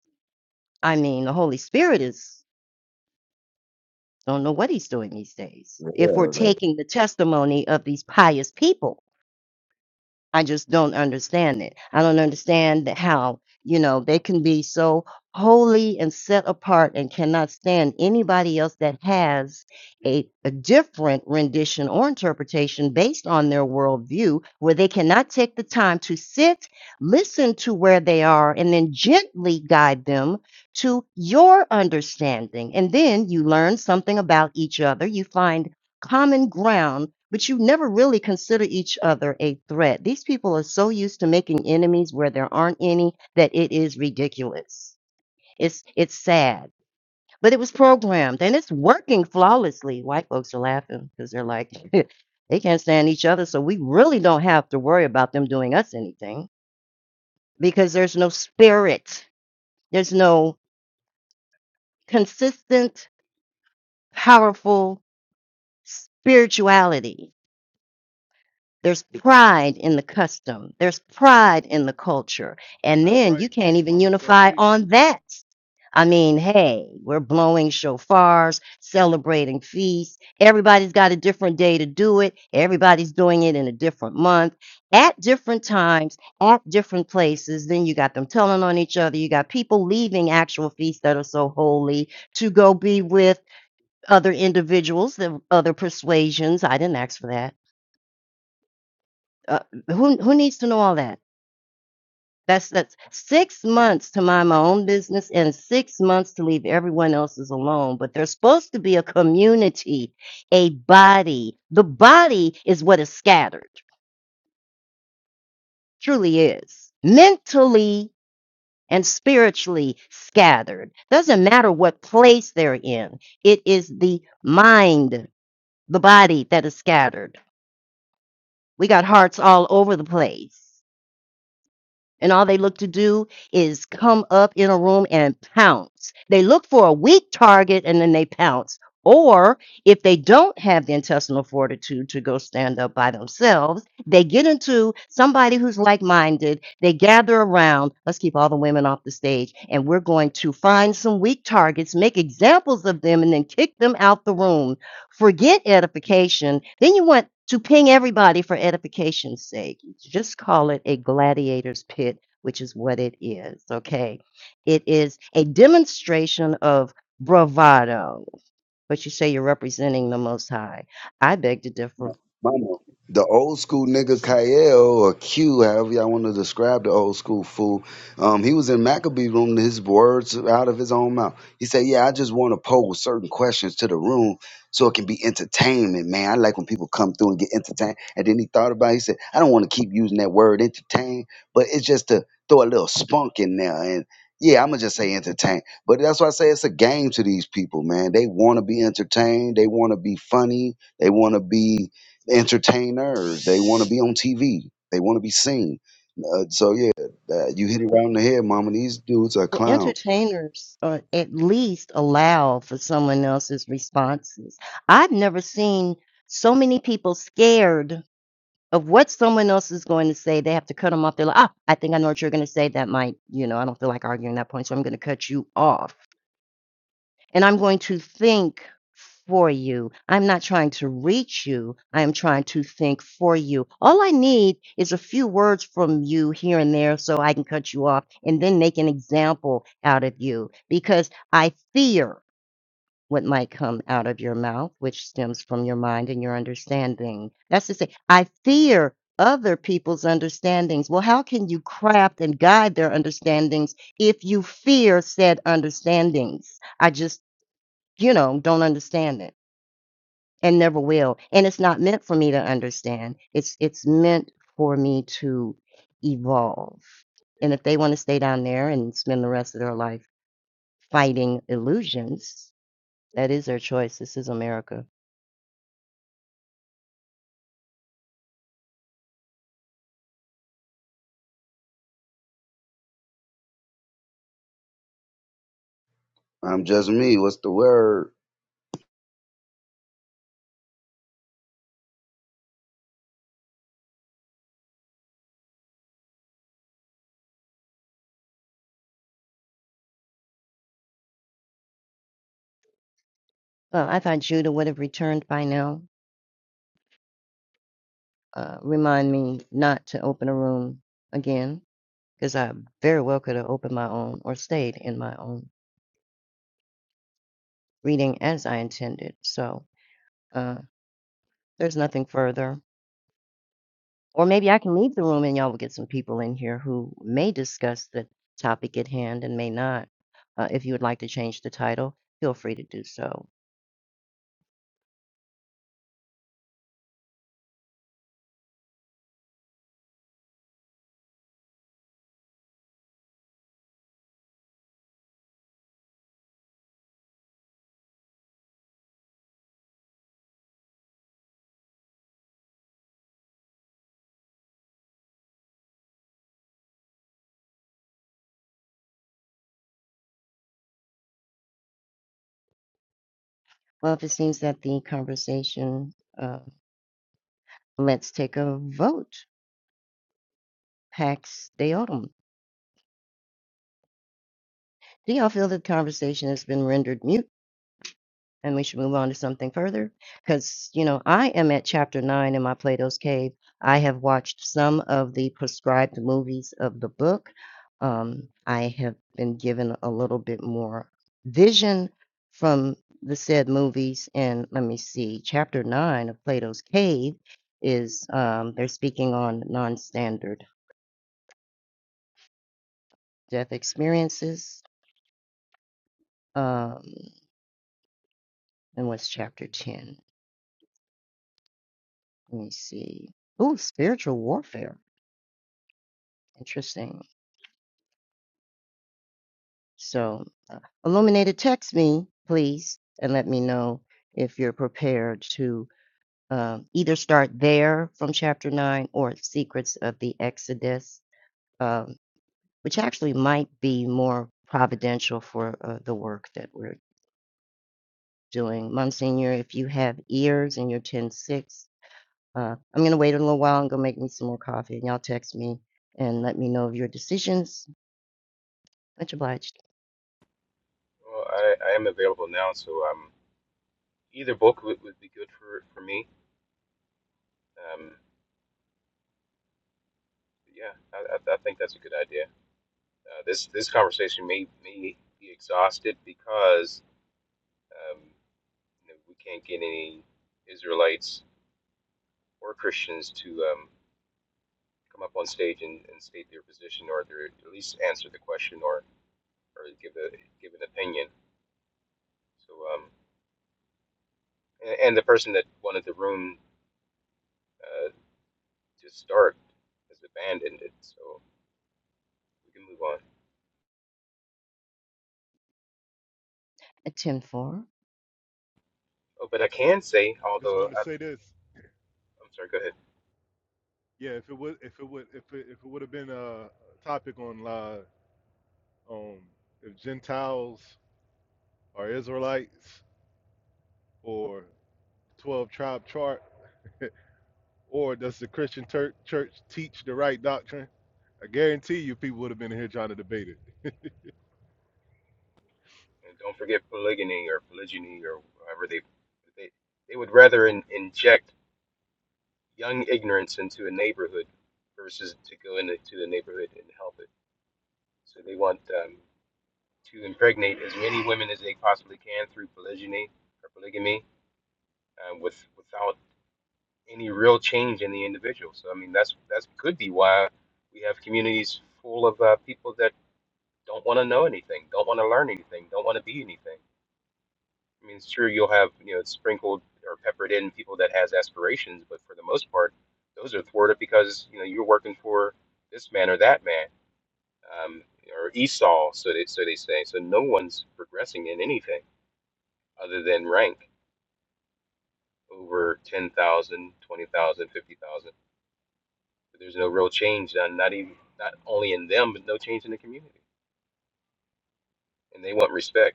I mean, the Holy Spirit is don't know what he's doing these days if we're Yeah, taking the testimony of these pious people. I just don't understand it. I don't understand that how, you know, they can be so holy and set apart and cannot stand anybody else that has a, a different rendition or interpretation based on their worldview, where they cannot take the time to sit, listen to where they are, and then gently guide them to your understanding. And then you learn something about each other. You find common ground, but you never really consider each other a threat. These people are so used to making enemies where there aren't any that it is ridiculous. It's it's sad. But it was programmed and it's working flawlessly. White folks are laughing because they're like, they can't stand each other, so we really don't have to worry about them doing us anything because there's no spirit. There's no consistent, powerful spirituality There's pride in the custom. There's pride in the culture. And That's then you right. can't Teach even mama self unify teach. on that. I mean, hey, we're blowing shofars, celebrating feasts. Everybody's got a different day to do it. Everybody's doing it in a different month, at different times, at different places. Then you got them telling on each other. You got people leaving actual feasts that are so holy to go be with other individuals of other persuasions. I didn't ask for that uh, who who needs to know all that? That's that's six months to mind my own business and six months to leave everyone else's alone. But there's supposed to be a community, a body. The body is what is scattered, truly is. Mentally and spiritually scattered. Doesn't matter what place they're in. It is the mind, the body that is scattered. We got hearts all over the place. And all they look to do is come up in a room and pounce. They look for a weak target and then they pounce. Or if they don't have the intestinal fortitude to go stand up by themselves, they get into somebody who's like minded. They gather around. Let's keep all the women off the stage. And we're going to find some weak targets, make examples of them, and then kick them out the room Forget edification. Then you want to ping everybody for edification's sake. Just call it a gladiator's pit, which is what it is. Okay. It is a demonstration of bravado, but you say you're representing the Most High. I beg to differ. Mama, the old school nigga Kael or Q, however y'all want to describe the old school fool, um, he was in Maccabee room. His words out of his own mouth. He said, "Yeah, I just want to pose certain questions to the room so it can be entertainment, man. I like when people come through and get entertained." And then he thought about. it. He said, "I don't want to keep using that word entertain, but it's just to throw a little spunk in there." And yeah, I'm gonna just say entertain. But that's why I say it's a game to these people, man. They want to be entertained. They want to be funny. They want to be entertainers. They want to be on TV. They want to be seen. Uh, so yeah, uh, you hit it right on Mm. the head, mama. These dudes are Well, clowns. entertainers uh, at least allow for someone else's responses. I've never seen so many people scared of what someone else is going to say. They have to cut them off. They're like, ah, I think I know what you're going to say. That might, you know, I don't feel like arguing that point. So I'm going to cut you off. And I'm going to think for you. I'm not trying to reach you. I am trying to think for you. All I need is a few words from you here and there so I can cut you off and then make an example out of you because I fear what might come out of your mouth, which stems from your mind and your understanding. That's to say, I fear other people's understandings. Well, how can you craft and guide their understandings if you fear said understandings? I just, you know, don't understand it and never will. And it's not meant for me to understand. It's it's meant for me to evolve. And if they want to stay down there and spend the rest of their life fighting illusions, that is their choice. This is America. I'm just me. What's the word? Well, I thought Judah would have returned by now. Uh, remind me not to open a room again, because I very well could have opened my own or stayed in my own reading as I intended. So uh, there's nothing further. Or maybe I can leave the room and y'all will get some people in here who may discuss the topic at hand and may not. Uh, if you would like to change the title, feel free to do so. Well, if it seems that the conversation, uh, let's take a vote. Pax Deotum. Do y'all feel that the conversation has been rendered mute and we should move on to something further? Because, you know, I am at chapter nine in my Plato's Cave. I have watched some of the prescribed movies of the book. Um, I have been given a little bit more vision from the said movies. And let me see, chapter nine of Plato's Cave is um, they're speaking on non standard death experiences. Um, and what's chapter 10? Let me see. Ooh, spiritual warfare. Interesting. So, uh, illuminated, text me, please, and let me know if you're prepared to um, either start there from chapter nine or Secrets of the Exodus, um, which actually might be more providential for uh, the work that we're doing. Monsignor, if you have ears and you're ten six, uh, I'm going to wait a little while and go make me some more coffee, and y'all text me and let me know of your decisions. Much obliged. Well, I, I am available now, so um, either book would, would be good for, for me. Um, yeah, I, I, I think that's a good idea. Uh, this this conversation may, may be exhausted because um, you know, we can't get any Israelites or Christians to um, come up on stage and, and state their position or their, at least answer the question or, or give a give an opinion. So um, and, and the person that wanted the room Uh, just start as the band ended. So we can move on. At 10:04. Oh, but I can say, Just although wanted I, to say this. I'm sorry, go ahead. Yeah, if it would if it would if it, if it would have been a topic on uh, on if Gentiles are Israelites or twelve tribe chart or does the Christian tur- church teach the right doctrine? I guarantee you people would have been here trying to debate it. And don't forget polygyny or polygyny or however they they, they would rather in, inject young ignorance into a neighborhood versus to go into to the neighborhood and help it. So they want um, to impregnate as many women as they possibly can through polygyny or polygamy, uh, with without any real change in the individual. So I mean, that's that's could be why we have communities full of uh, people that don't want to know anything, don't want to learn anything, don't want to be anything. I mean, it's true you'll have you know sprinkled or peppered in people that has aspirations, but for the most part, those are thwarted because you know you're working for this man or that man, um, or Esau, so they so they say. So no one's progressing in anything other than rank over 10,000, 20,000, 50,000. But there's no real change done, not even not only in them, but no change in the community, and they want respect.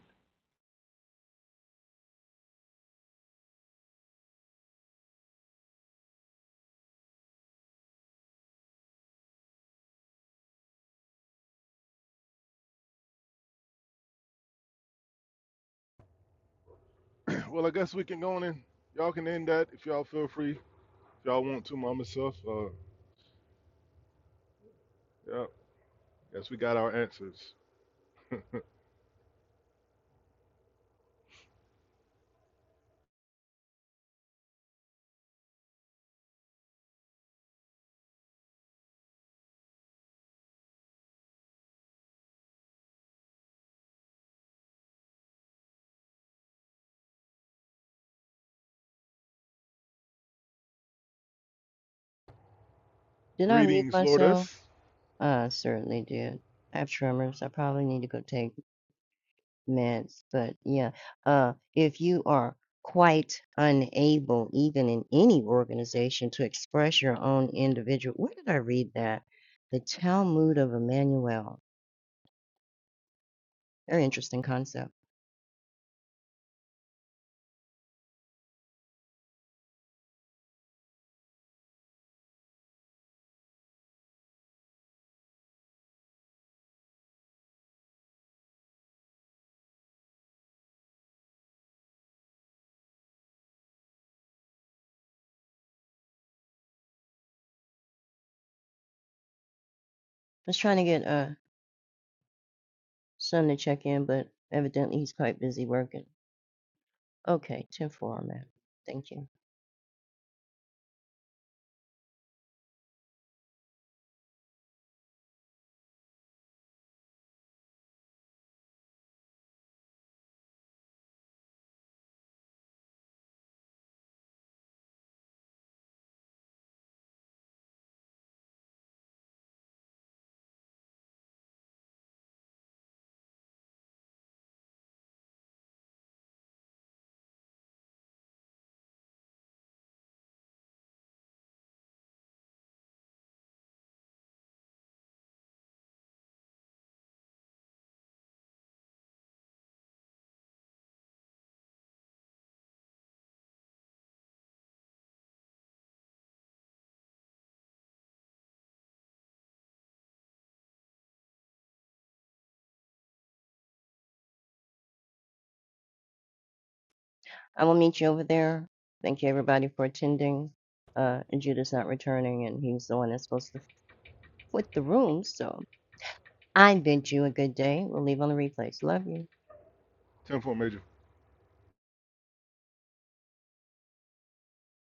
well, I guess we can go on in. Y'all can end that if y'all feel free y'all want to, Mama Self. Uh, yeah, guess we got our answers. Did I mute Greetings, myself? Lourdes. I certainly did. I have tremors. I probably need to go take meds. But yeah, uh, if you are quite unable, even in any organization, to express your own individual, where did I read that? The Talmud of Emmanuel. Very interesting concept. I was trying to get uh, son to check in, but evidently he's quite busy working. Okay, 10 4, man. Thank you. I will meet you over there. Thank you, everybody, for attending. Uh, and Judah's not returning, and he's the one that's supposed to foot the room. So I bid you a good day. We'll leave on the replays. Love you. Ten-four, major.